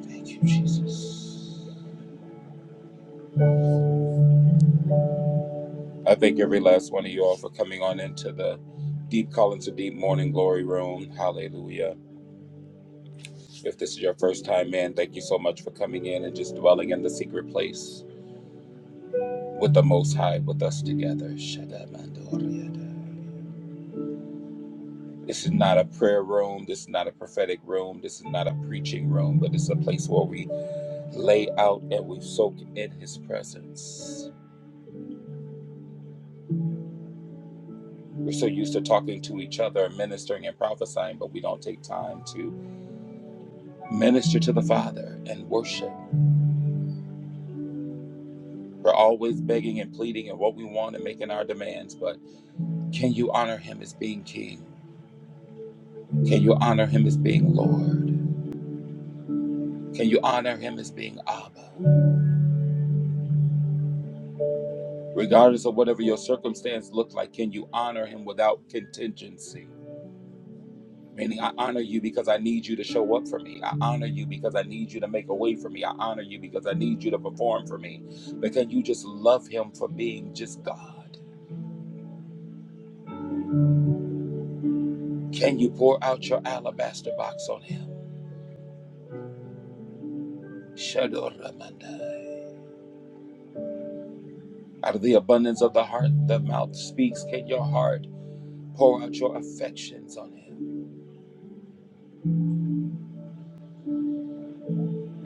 Speaker 1: Thank you, Jesus. I thank every last one of you all for coming on into the Deep Call to Deep Morning Glory Room. Hallelujah. If this is your first time, man, thank you so much for coming in and just dwelling in the secret place with the Most High with us together. This is not a prayer room. This is not a prophetic room. This is not a preaching room, but it's a place where we lay out and we soak in His presence. We're so used to talking to each other, ministering and prophesying, but we don't take time to minister to the Father and worship. We're always begging and pleading and what we want and making our demands, but can you honor Him as being King? Can you honor Him as being Lord? Can you honor Him as being Abba? Regardless of whatever your circumstance looks like, can you honor Him without contingency? Meaning, I honor you because I need you to show up for me. I honor you because I need you to make a way for me. I honor you because I need you to perform for me. But can you just love him for being just God? Can you pour out your alabaster box on him? Shadoramandai. Out of the abundance of the heart, the mouth speaks. Can your heart pour out your affections on him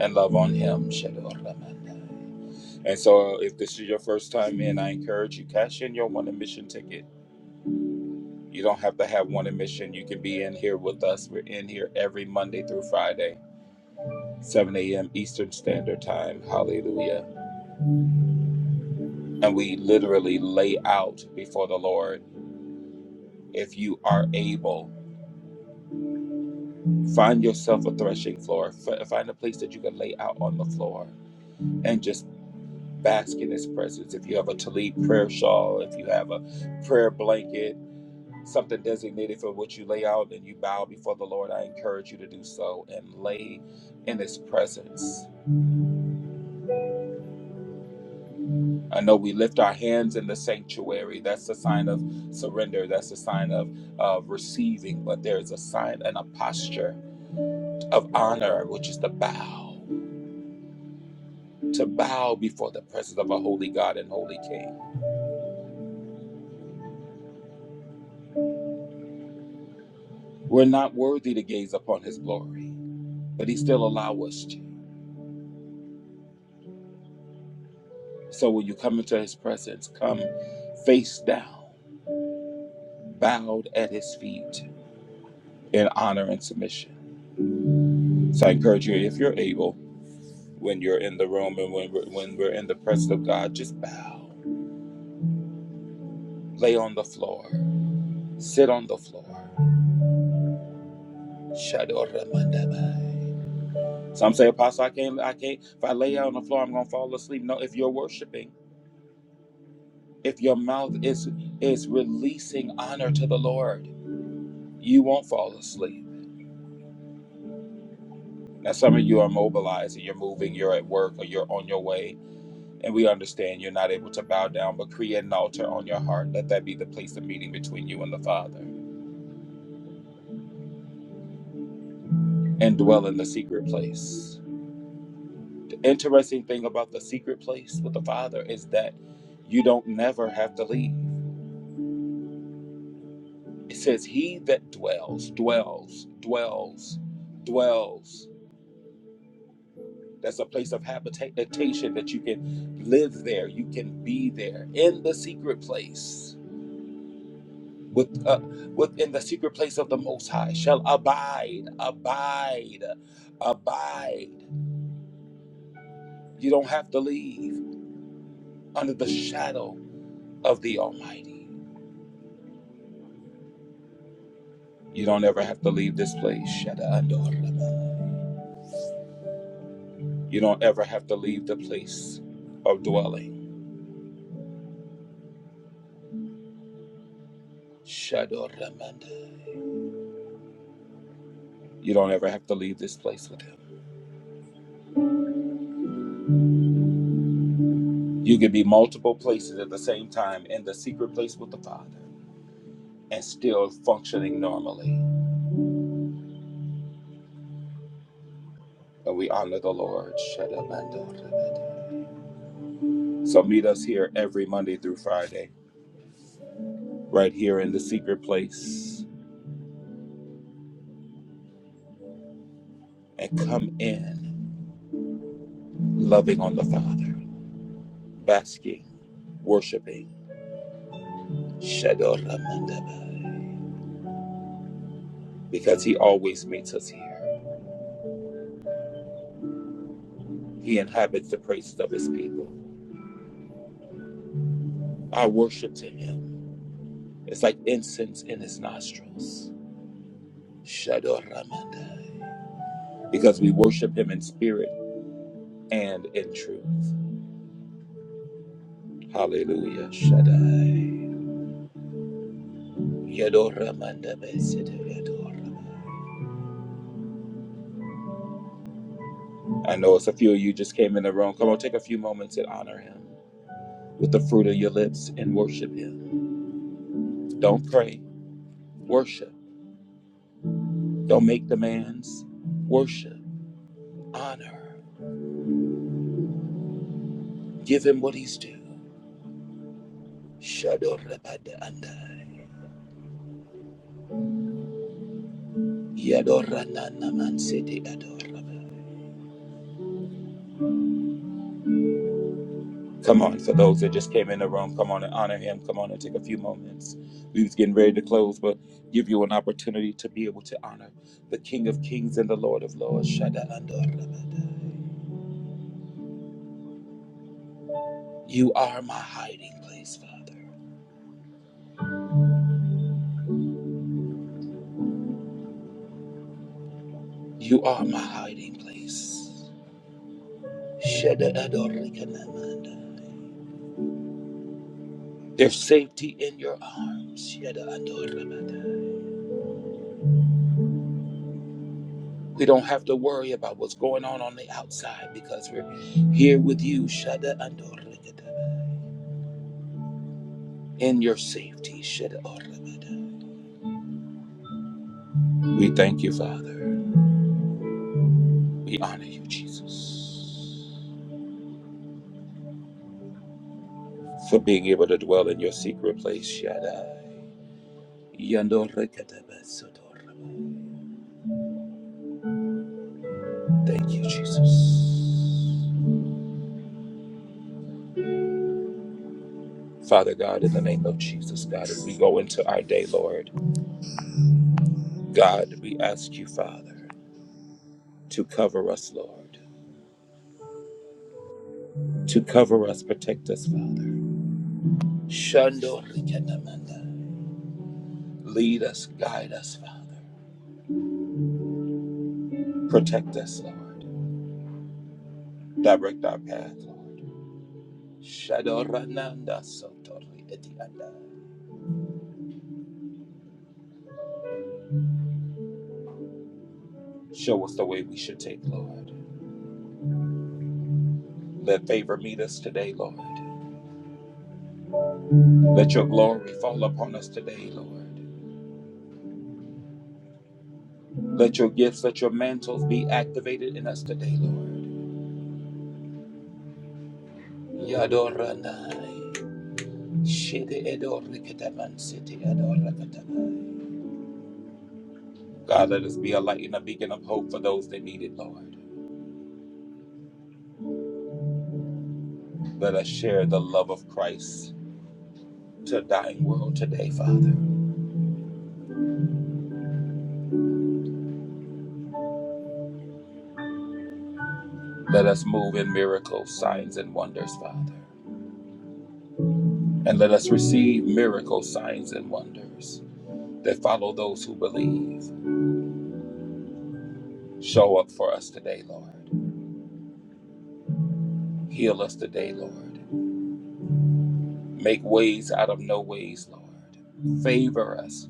Speaker 1: and love on him? Shadoramandai. And so, if this is your first time in, I encourage you cash in your one admission ticket You don't have to have one admission. You can be in here with us. We're in here every Monday through Friday, 7 a.m. Eastern Standard Time. Hallelujah. And we literally lay out before the Lord if you are able. Find yourself a threshing floor. F- find a place that you can lay out on the floor and just bask in His presence. If you have a Talib prayer shawl, if you have a prayer blanket, something designated for what you lay out and you bow before the Lord, I encourage you to do so and lay in His presence. I know we lift our hands in the sanctuary. That's a sign of surrender. That's a sign of uh, receiving. But there is a sign and a posture of honor, which is to bow, to bow before the presence of a holy God and holy King. We're not worthy to gaze upon His glory, but He still allows us to. So when you come into His presence, come face down bowed at his feet in honor and submission. So I encourage you, if you're able, when you're in the room and when we're, when we're in the presence of God, just bow, lay on the floor, sit on the floor. Shadoramandabai. Some say, Apostle, I can't, I can't. If I lay out on the floor, I'm gonna fall asleep. No, if you're worshiping, if your mouth is is releasing honor to the Lord, you won't fall asleep. Now, some of you are mobilized and you're moving, you're at work, or you're on your way, And we understand you're not able to bow down, but create an altar on your heart. Let that be the place of meeting between you and the Father and dwell in the secret place. The interesting thing about the secret place with the Father is that you don't never have to leave. It says, He that dwells, dwells, dwells, dwells. That's a place of habitation that you can live there, you can be there in the secret place with, uh, within the secret place of the Most High shall abide, abide, abide. You don't have to leave under the shadow of the Almighty. You don't ever have to leave this place. Shada Adorama. You don't ever have to leave the place of dwelling. Shadoramanda. You don't ever have to leave this place with him. You can be multiple places at the same time in the secret place with the Father and still functioning normally. And we honor the Lord. So meet us here every Monday through Friday, right here in the secret place, and come in loving on the Father, basking, worshiping. Because He always meets us here. He inhabits the praises of His people. Our worship to Him is like incense in His nostrils. Because we worship Him in spirit and in truth. Hallelujah. Shaddai. Yadora manda besete yadora. I know it's a few of you just came in the room. Come on, take a few moments and honor him with the fruit of your lips and worship him. Don't pray, worship. Don't make demands, worship. Honor. Give him what he's due. Shadora manda andai. Yadora nana mansete yadora. Come on, for those that just came in the room, come on and honor him. Come on and take a few moments. We was getting ready to close, but give you an opportunity to be able to honor the King of Kings and the Lord of Lords. Shaddai You are my hiding place, Father. You are my hiding place. Shaddai There's safety in your arms. Shaddai We don't have to worry about what's going on on the outside because we're here with you. Shaddai in your safety. Shed Orabada. We thank you, Father. We honor you, Jesus, for being able to dwell in your secret place, Shaddai. Yandorekatabasotoraba. Thank you, Jesus. Father God, in the name of Jesus, God, as we go into our day, Lord, God, we ask you, Father, to cover us, Lord, to cover us, protect us, Father. Shandoreketamanda. Lead us, guide us, Father. Protect us, Lord. Direct our path, Lord. Shadorananda Sotori Etianda. Show us the way we should take, Lord. Let favor meet us today, Lord. Let your glory fall upon us today, Lord. Let your gifts, let your mantles be activated in us today, Lord. Yadoranai. Shede edoriketaman siti adoraketaman. God, let us be a light and a beacon of hope for those that need it, Lord. Let us share the love of Christ to a dying world today, Father. Let us move in miracles, signs, and wonders, Father. And let us receive miracles, signs, and wonders that follow those who believe. Show up for us today, Lord. Heal us today, Lord. Make ways out of no ways, Lord. Favor us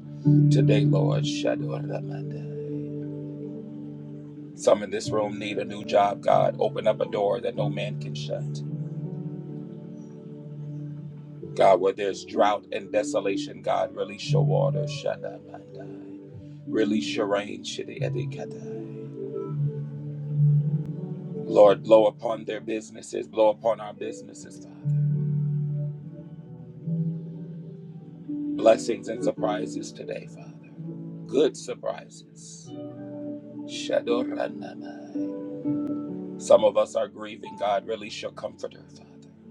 Speaker 1: today, Lord. Shadoramanda. Some in this room need a new job, God. Open up a door that no man can shut. God, where there's drought and desolation, God, release your water. Shadamandai. Release your rain. Shidiyadikatai. Lord, blow upon their businesses, blow upon our businesses, Father. Blessings and surprises today, Father. Good surprises. Shadoranamai. Some of us are grieving, God. Release your comforter, Father.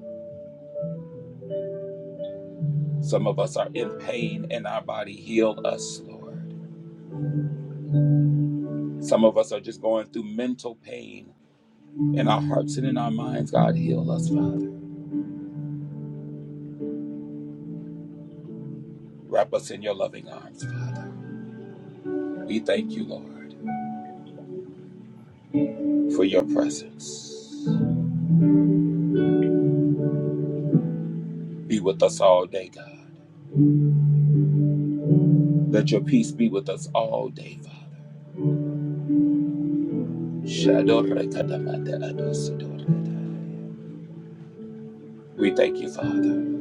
Speaker 1: Some of us are in pain in our body. Heal us, Lord. Some of us are just going through mental pain. In our hearts and in our minds, God, heal us, Father. Wrap us in your loving arms, Father. We thank you, Lord, for your presence. Be with us all day, God. Let your peace be with us all day, Father. We thank you, Father.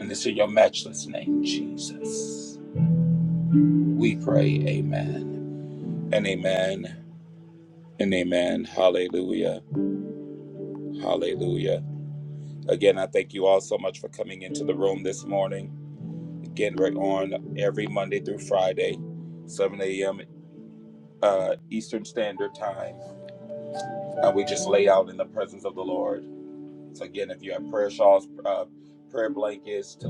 Speaker 1: And it's in your matchless name, Jesus. We pray, Amen and Amen and Amen. Hallelujah. Hallelujah. Again, I thank you all so much for coming into the room this morning. Again, we're on every Monday through Friday, 7 a.m. Uh, Eastern Standard Time, and we just lay out in the presence of the Lord. So again, if you have prayer shawls, uh, prayer blankets, to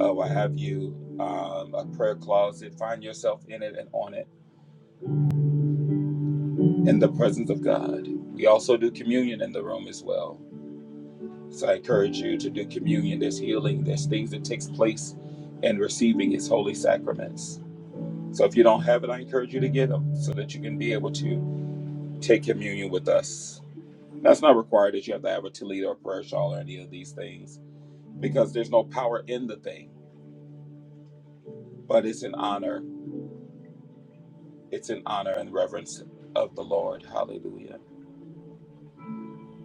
Speaker 1: uh, what have you, um, a prayer closet, find yourself in it and on it in the presence of God. We also do communion in the room as well. So I encourage you to do communion. There's healing. There's things that takes place in receiving His holy sacraments. So if you don't have it, I encourage you to get them so that you can be able to take communion with us. That's not required that you have to have a Toledo or prayer shawl or any of these things because there's no power in the thing, but it's in honor. It's in honor and reverence of the Lord. Hallelujah.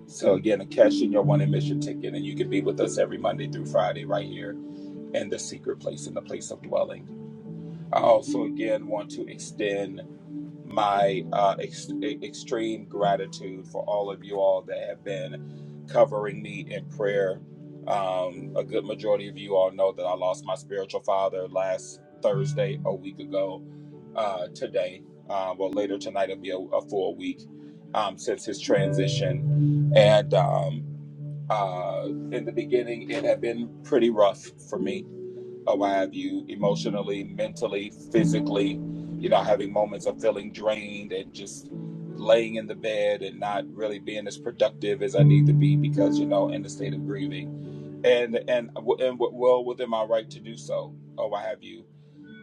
Speaker 1: So again, cash in your one admission ticket and you can be with us every Monday through Friday right here in the secret place, in the place of dwelling. I also again want to extend my uh, ex- e- extreme gratitude for all of you all that have been covering me in prayer. Um, a good majority of you all know that I lost my spiritual father last Thursday, a week ago. Uh, today, uh, well, later tonight, it'll be a, a full week um, since his transition. And um, uh, in the beginning, it had been pretty rough for me or why have you, emotionally, mentally, physically, you know, having moments of feeling drained and just laying in the bed and not really being as productive as I need to be because, you know, in the state of grieving and, and, and well within my right to do so or why have you.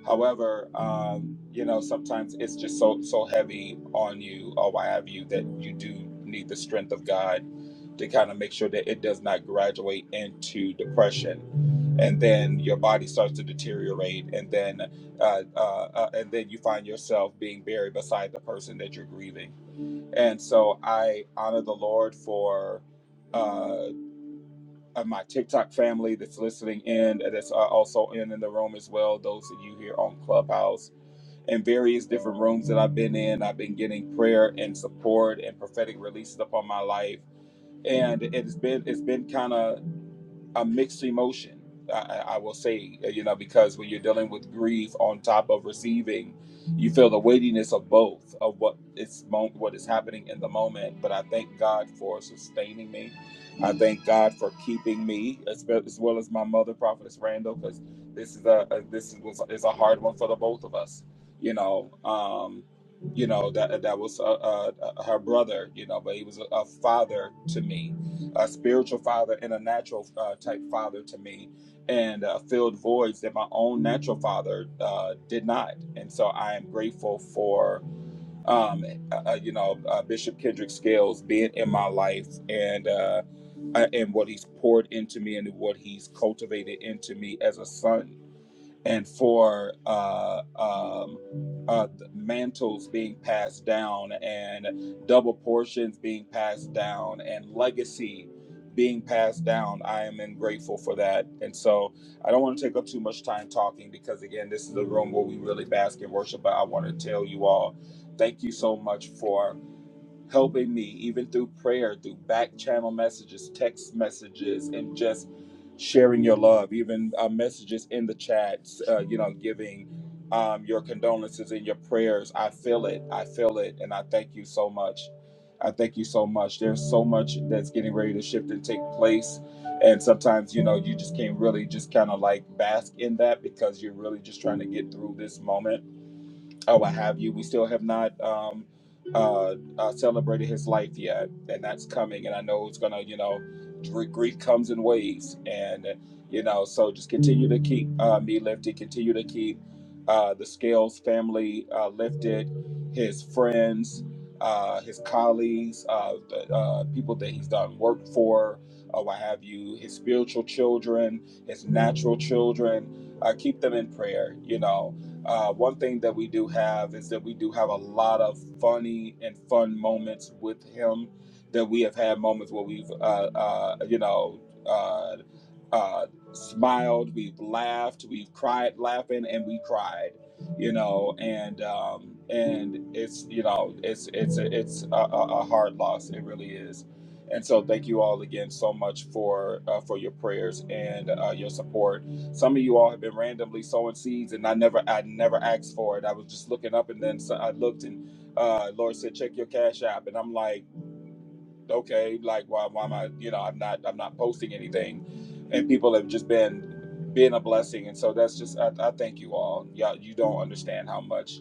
Speaker 1: However, um, you know, sometimes it's just so so heavy on you or why have you that you do need the strength of God to kind of make sure that it does not graduate into depression, and then your body starts to deteriorate, and then uh, uh, uh, and then you find yourself being buried beside the person that you're grieving. And so I honor the Lord for. Uh, uh, my TikTok family that's listening in, uh, that's uh, also in in the room as well. Those of you here on Clubhouse and various different rooms that I've been in, I've been getting prayer and support and prophetic releases upon my life, and it's been it's been kind of a mixed emotion. I, I will say, uh, you know, because when you're dealing with grief on top of receiving, you feel the weightiness of both of what is mo- what is happening in the moment. But I thank God for sustaining me. I thank God for keeping me, as, well- as well as my mother, Prophetess Randall, because this is a, a this was is a hard one for the both of us. You know, um, you know that that was uh, uh, uh, her brother. You know, but he was a, a father to me a spiritual father and a natural uh, type father to me and uh, filled voids that my own natural father uh, did not and so i am grateful for um, uh, uh, you know uh, bishop kendrick scales being in my life and uh, uh, and what he's poured into me and what he's cultivated into me as a son and for uh, um, uh, mantles being passed down and double portions being passed down and legacy being passed down. I am in grateful for that. And so I don't want to take up too much time talking because, again, this is a room where we really bask in worship, but I want to tell you all thank you so much for helping me even through prayer, through back channel messages, text messages, and just sharing your love, even uh, messages in the chats, uh, you know, giving um, your condolences and your prayers. I feel it. I feel it. And I thank you so much. I thank you so much. There's so much that's getting ready to shift and take place. And sometimes, you know, you just can't really just kind of like bask in that because you're really just trying to get through this moment Oh, what have you. We still have not um, uh, uh, celebrated his life yet, and that's coming. And I know it's gonna, you know, dr- grief comes in waves, and you know, so just continue to keep uh, me lifted. Continue to keep uh, the Scales family uh, lifted, his friends, uh, his colleagues, uh, the uh, people that he's done work for, or what have you. His spiritual children, his natural children. Uh, keep them in prayer. You know uh, one thing that we do have is that we do have a lot of funny and fun moments with him. That we have had moments where we've, uh, uh, you know, uh, uh, smiled, we've laughed, we've cried laughing, and we cried, you know, and um, and it's you know it's it's it's a, a a hard loss. It really is. And so, thank you all again so much for uh, for your prayers and uh, your support some of you all have been randomly sowing seeds, and I never, I never asked for it. I was just looking up, and then so I looked, and uh, Lord said, "Check your cash app," and I'm like, "Okay, like why, why am I? You know, I'm not, I'm not posting anything," and people have just been being a blessing, and so that's just, I, I thank you all. Y'all, you don't understand how much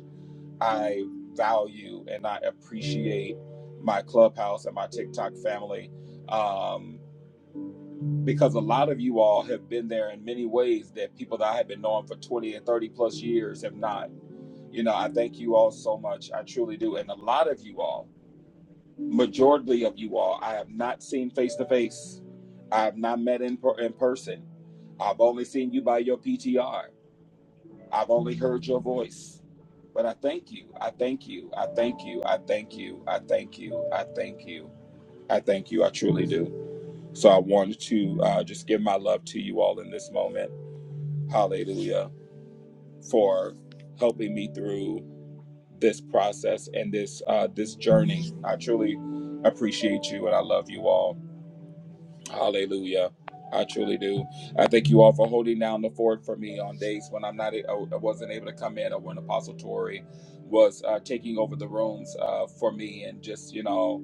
Speaker 1: I value and I appreciate my clubhouse and my TikTok family. Um, because a lot of you all have been there in many ways that people that I have been knowing for 20 and 30 plus years have not. You know, I thank you all so much. I truly do. And a lot of you all, majority of you all, I have not seen face to face. I have not met in, per- in person. I've only seen you by your PTR. I've only heard your voice. But I thank you. I thank you. I thank you. I thank you. I thank you. I thank you. I thank you. I truly do. So I wanted to uh, just give my love to you all in this moment. Hallelujah for helping me through this process and this uh, this journey. I truly appreciate you and I love you all. Hallelujah. I truly do. I thank you all for holding down the fort for me on days when I'm not, uh, I wasn't able to come in, or when Apostle Tori was uh, taking over the rooms uh, for me, and just you know,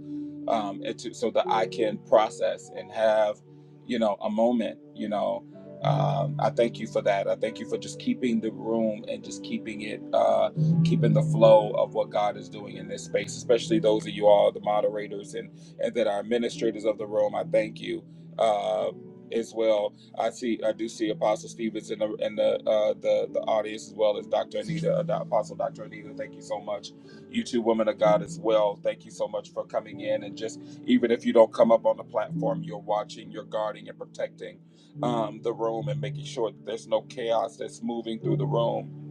Speaker 1: um, it to, so that I can process and have, you know, a moment. You know, um, I thank you for that. I thank you for just keeping the room and just keeping it, uh, keeping the flow of what God is doing in this space, especially those of you all, the moderators and and that are administrators of the room. I thank you uh, as well. I see, I do see Apostle Stevens in the in the uh, the the audience as well as Dr. Anita, uh, the Apostle Dr. Anita. Thank you so much, you two women of God as well. Thank you so much for coming in and just even if you don't come up on the platform, you're watching, you're guarding, and protecting um, the room and making sure that there's no chaos that's moving through the room.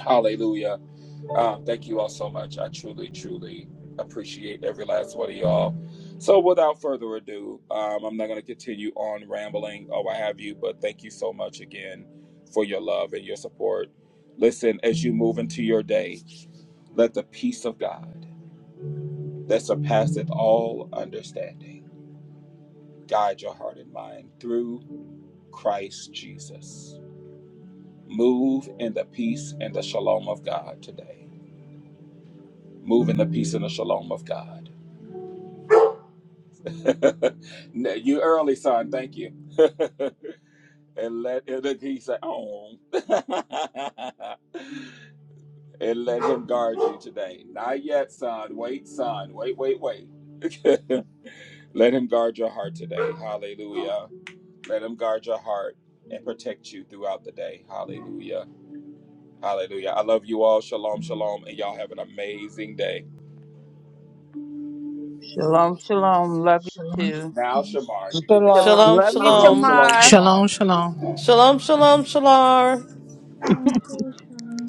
Speaker 1: Hallelujah um, thank you all so much. I truly, truly appreciate every last one of y'all. So, without further ado, um, I'm not going to continue on rambling or what have you, but thank you so much again for your love and your support. Listen, as you move into your day, let the peace of God that surpasseth all understanding guide your heart and mind through Christ Jesus. Move in the peace and the shalom of God today. Move in the peace and the shalom of God. No, you early, son. Thank you. and let and look, he said, "Oh," and let him guard you today. Not yet, son. Wait, son. Wait, wait, wait. let him guard your heart today. Hallelujah. Let him guard your heart and protect you throughout the day. Hallelujah. Hallelujah. I love you all. Shalom, shalom, and y'all have an amazing day.
Speaker 4: Shalom, shalom. Love you
Speaker 7: Shalom.
Speaker 4: too.
Speaker 1: Now, Shamar, you can do
Speaker 8: Shalom.
Speaker 5: shalom,
Speaker 2: Shalom,
Speaker 4: Love you,
Speaker 5: shalom.
Speaker 1: shalom,
Speaker 2: shalom.
Speaker 1: shalom,
Speaker 4: Shamar.
Speaker 9: Shalom,
Speaker 1: Shamar.
Speaker 9: shalom.
Speaker 2: Shalom, shalom, shalar.
Speaker 3: the love shall shine.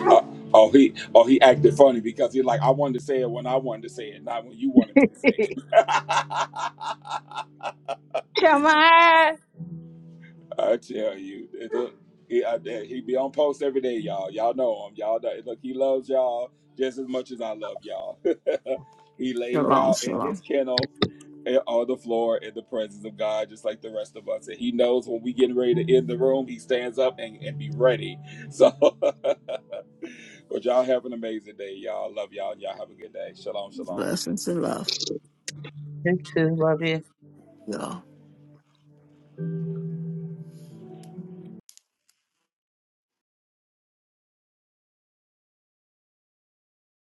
Speaker 1: Uh, oh, he oh he acted funny because he like I wanted to say it when I wanted to say it, not when you wanted me to say it. I
Speaker 4: Shamar.
Speaker 1: tell you, it- look, he, I, yeah, he be on post every day, y'all. Y'all know him. Y'all know, look, he loves y'all just as much as I love y'all. he lays
Speaker 6: Shalom,
Speaker 1: out in his
Speaker 6: shalom.
Speaker 1: kennel eh, on the floor in the presence of God, just like the rest of us. And he knows when we get ready to end the room, he stands up and, and be ready. So. Well, y'all have an amazing day, y'all. Love y'all. Y'all have a good day. Shalom, shalom.
Speaker 6: Blessings and love,
Speaker 4: You too. Love you.
Speaker 6: y'all.